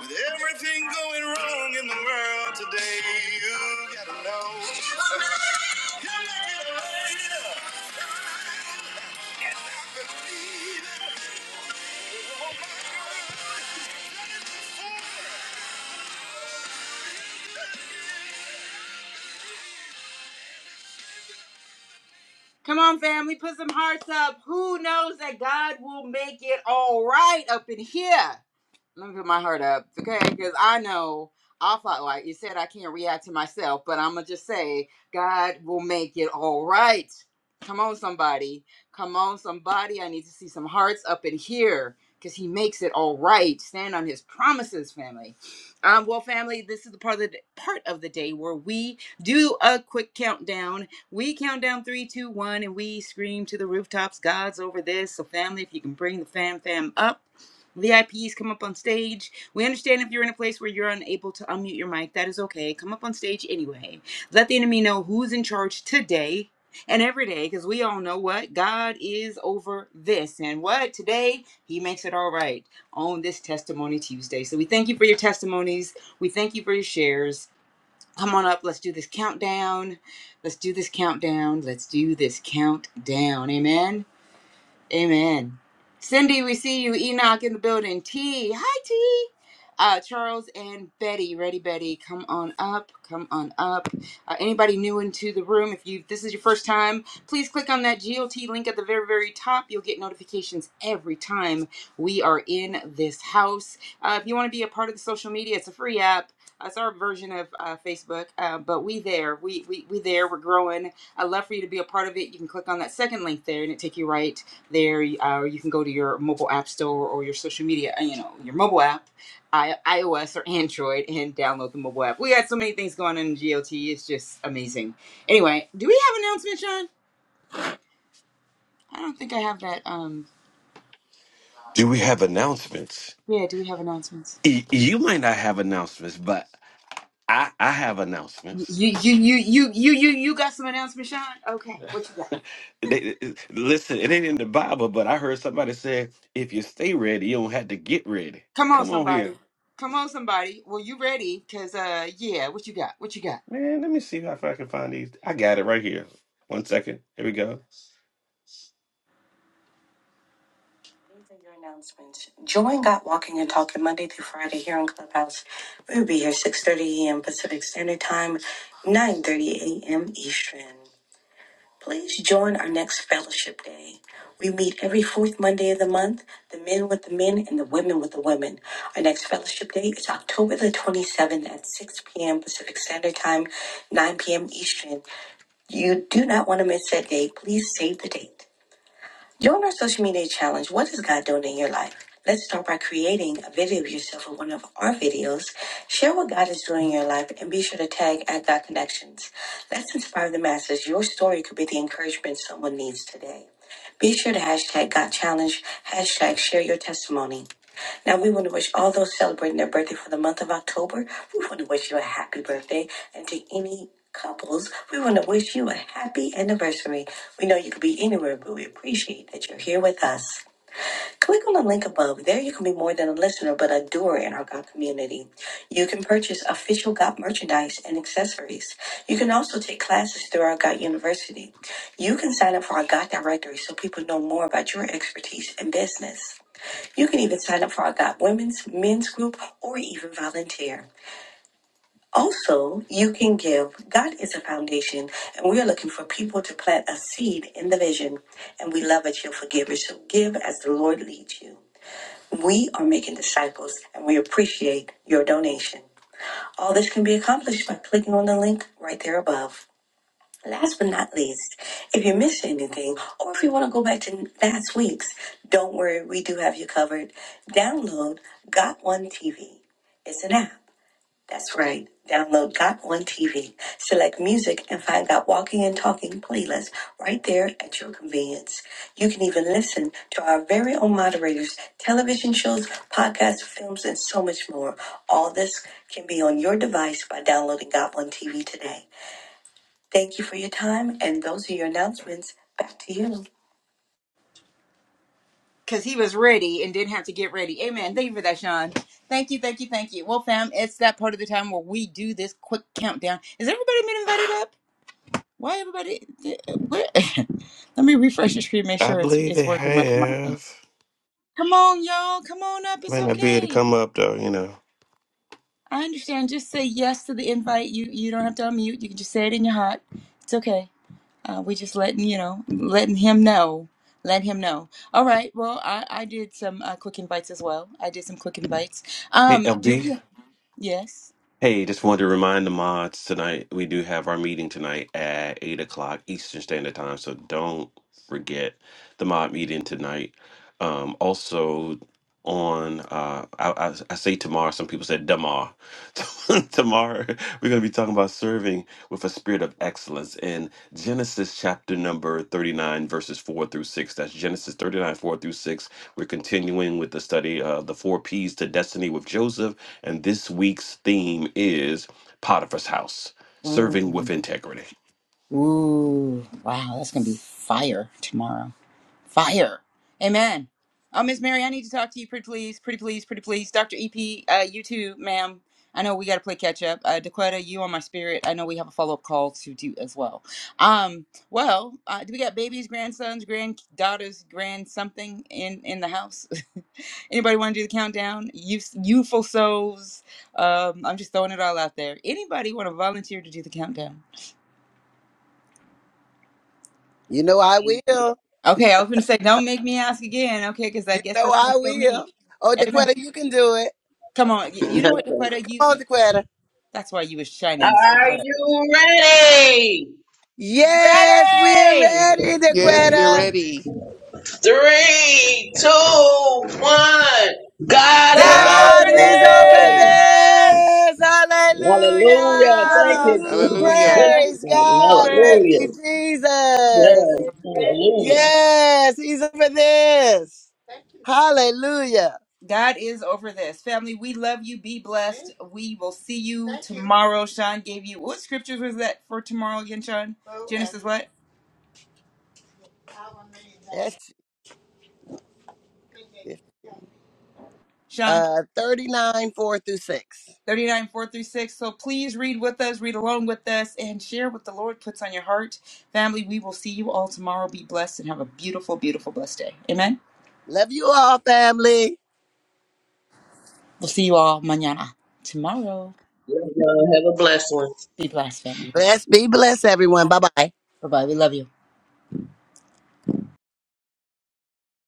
Speaker 1: With everything going wrong in the world today, you gotta know. [LAUGHS] You're making it right. up. Come on, family, put some hearts up. Who knows that God will make it all right up in here? let me put my heart up, okay? Because I know I thought, like you said, I can't react to myself, but I'm gonna just say, God will make it all right. Come on, somebody. Come on, somebody. I need to see some hearts up in here because He makes it all right. Stand on His promises, family. Um, well, family, this is the part of the d- part of the day where we do a quick countdown. We count down three, two, one, and we scream to the rooftops. God's over this. So, family, if you can bring the fam fam up. VIPs come up on stage. We understand if you're in a place where you're unable to unmute your mic, that is okay. Come up on stage anyway. Let the enemy know who's in charge today and every day because we all know what God is over this and what today he makes it all right on this testimony Tuesday. So we thank you for your testimonies. We thank you for your shares. Come on up, let's do this countdown. Let's do this countdown. Let's do this countdown. Amen. Amen. Cindy, we see you. Enoch in the building. T. Hi, T. Uh, Charles and Betty. Ready, Betty. Come on up. Come on up. Uh, anybody new into the room, if you this is your first time, please click on that G O T link at the very, very top. You'll get notifications every time we are in this house. Uh, if you want to be a part of the social media, it's a free app. Uh, It's our version of uh, Facebook, uh, but we there. We, we we there. We're growing. I'd love for you to be a part of it. You can click on that second link there, and it take you right there uh, or you can go to your mobile app store or your social media uh, you know your mobile app I- ios or android and download the mobile app we got so many things going on in glt it's just amazing anyway do we have announcements john i don't think i have that um
Speaker 6: Do we have announcements?
Speaker 1: yeah do we have announcements
Speaker 6: Y- You might not have announcements, but I, I have announcements.
Speaker 1: you you you you you you, you got some announcements sean okay what you got
Speaker 6: [LAUGHS] They, listen, it ain't in the Bible, but I heard somebody say, if you stay ready, you don't have to get ready.
Speaker 1: come on
Speaker 6: Come on here.
Speaker 1: somebody come on somebody well you ready because uh yeah what you got what you got
Speaker 6: Man, let me see if I can find these. I got it right here. One second. Here we go. These are your announcements. Join Got Walking and Talking Monday through Friday here on Clubhouse. We'll be here 6.30 a.m. Pacific Standard Time, 9.30 a.m. Eastern. Please join our next Fellowship Day. We meet every fourth Monday of the month, the men with the men and the women with the women. Our next Fellowship Day is October the 27th at 6 p.m. Pacific Standard Time, 9 p.m. Eastern. You do not want to miss that day. Please save the date. Join our social media challenge. What is God doing in your life? Let's start by creating a video of yourself in one of our videos. Share what God is doing in your life and be sure to tag at God Connections. Let's inspire the masses. Your story could be the encouragement someone needs today. Be sure to hashtag God Challenge, hashtag share your testimony. Now, we want to wish all those celebrating their birthday for the month of October, we want to wish you a happy birthday. And to any couples, we want to wish you a happy anniversary. We know you could be anywhere, but we appreciate that you're here with us. Click on the link above. There, you can be more than a listener, but a doer in our God community. You can purchase official God merchandise and accessories. You can also take classes through our God University. You can sign up for our God directory so people know more about your expertise and business. You can even sign up for our God Women's Men's Group or even volunteer. Also, you can give. God is a foundation, and we are looking for people to plant a seed in the vision. And we love that you're forgivers, so give as the Lord leads you. We are making disciples, and we appreciate your donation. All this can be accomplished by clicking on the link right there above. Last but not least, if you missed anything or if you want to go back to last week's, don't worry, we do have you covered. Download Got One TV. It's an app. That's right. Download Got One TV. Select music and find Got Walking and Talking playlist right there at your convenience. You can even listen to our very own moderators, television shows, podcasts, films, and so much more. All this can be on your device by downloading Got One TV today. Thank you for your time, and those are your announcements. Back to you.
Speaker 1: because he was ready and didn't have to get ready. Amen. Thank you for that, Sean. Thank you, thank you, thank you. Well, fam, it's that part of the time where we do this quick countdown. Is everybody been invited up? Why everybody? What? [LAUGHS] Let me refresh the screen, make
Speaker 6: I
Speaker 1: sure it's
Speaker 6: believe
Speaker 1: it's
Speaker 6: they
Speaker 1: working right. on my phone.
Speaker 6: have.
Speaker 1: Come on, y'all. Come on up. It's
Speaker 6: Might not be able to
Speaker 1: okay.
Speaker 6: come up though, you know.
Speaker 1: I understand. Just say yes to the invite. You you don't have to unmute. You can just say it in your heart. It's okay. Uh, we just letting you know, letting him know, let him know. All right. Well, I I did some uh, quick invites as well. I did some quick invites.
Speaker 6: Hey
Speaker 1: Um, do
Speaker 6: LB.
Speaker 1: we? Yes.
Speaker 6: Hey, just wanted to remind the mods tonight we do have our meeting tonight at eight o'clock Eastern Standard Time, so don't forget the mod meeting tonight. Um also on uh I, I, I say tomorrow, some people said demar. [LAUGHS] Tomorrow, we're going to be talking about serving with a spirit of excellence in Genesis chapter number 39, verses 4 through 6. That's Genesis 39, 4 through 6. We're continuing with the study of the four P's to destiny with Joseph. And this week's theme is Potiphar's house, serving with
Speaker 1: Ooh,
Speaker 6: integrity.
Speaker 1: ooh, wow, that's gonna be fire tomorrow. Fire. Amen. Oh, Miss Mary, I need to talk to you pretty please, pretty please, pretty please. Dr. EP, uh, you too, ma'am. I know we got to play catch up. Uh, Dakota, you on my spirit. I know we have a follow up call to do as well. Um, well, uh, do we got babies, grandsons, granddaughters, grand something in in the house? [LAUGHS] Anybody want to do the countdown? Youth, youthful souls. Um, I'm just throwing it all out there. Anybody want to volunteer to do the countdown?
Speaker 2: You know I will.
Speaker 1: Okay, I was going to say, don't make me ask again. Okay, because I
Speaker 2: You
Speaker 1: guess
Speaker 2: know
Speaker 1: that's
Speaker 2: I
Speaker 1: going to kill me.
Speaker 2: will. Oh,
Speaker 1: Amen.
Speaker 2: DeQuetta, you can do it.
Speaker 1: Come on, y- you
Speaker 8: [LAUGHS]
Speaker 1: know what, Dakota?
Speaker 2: Come on,
Speaker 1: You
Speaker 2: DeQuetta.
Speaker 1: that's why you was shining so
Speaker 8: Are
Speaker 1: bright.
Speaker 8: you ready?
Speaker 2: Yes, we're
Speaker 1: Ready!
Speaker 2: ready,
Speaker 7: Yes, we're
Speaker 2: DeQuetta.
Speaker 7: ready.
Speaker 8: Three, two, one. God is
Speaker 1: God's
Speaker 7: God
Speaker 2: God
Speaker 1: over
Speaker 8: over
Speaker 2: is
Speaker 7: over
Speaker 2: over
Speaker 8: this.
Speaker 7: this.
Speaker 1: this!
Speaker 2: this.
Speaker 8: Hallelujah. Thank you,
Speaker 2: Hallelujah.
Speaker 8: Jesus.
Speaker 7: Hallelujah.
Speaker 8: Thank
Speaker 1: Hallelujah!
Speaker 8: you,
Speaker 2: Praise
Speaker 8: God.
Speaker 1: He's
Speaker 2: God. Thank
Speaker 1: worthy.
Speaker 8: Hallelujah.
Speaker 2: you,
Speaker 8: Yes,
Speaker 2: Jesus.
Speaker 8: hallelujah.
Speaker 2: Yes, he's over this. Hallelujah.
Speaker 1: God is over this. Family, we love you. Be blessed. We will see you tomorrow. Sean gave you what scriptures was that for tomorrow again, Sean? Genesis what?
Speaker 2: That's
Speaker 1: Sean.
Speaker 2: uh, 39, 4 through 6.
Speaker 1: 39436. So please read with us, read along with us, and share what the Lord puts on your heart. Family, we will see you all tomorrow. Be blessed and have a beautiful, beautiful, blessed day. Amen.
Speaker 2: Love you all, family.
Speaker 1: We'll see you all mañana. Tomorrow.
Speaker 8: Yes, God. Have a blessed one.
Speaker 1: Be blessed, family.
Speaker 2: Bless, be blessed, everyone. Bye bye.
Speaker 1: Bye bye. We love you.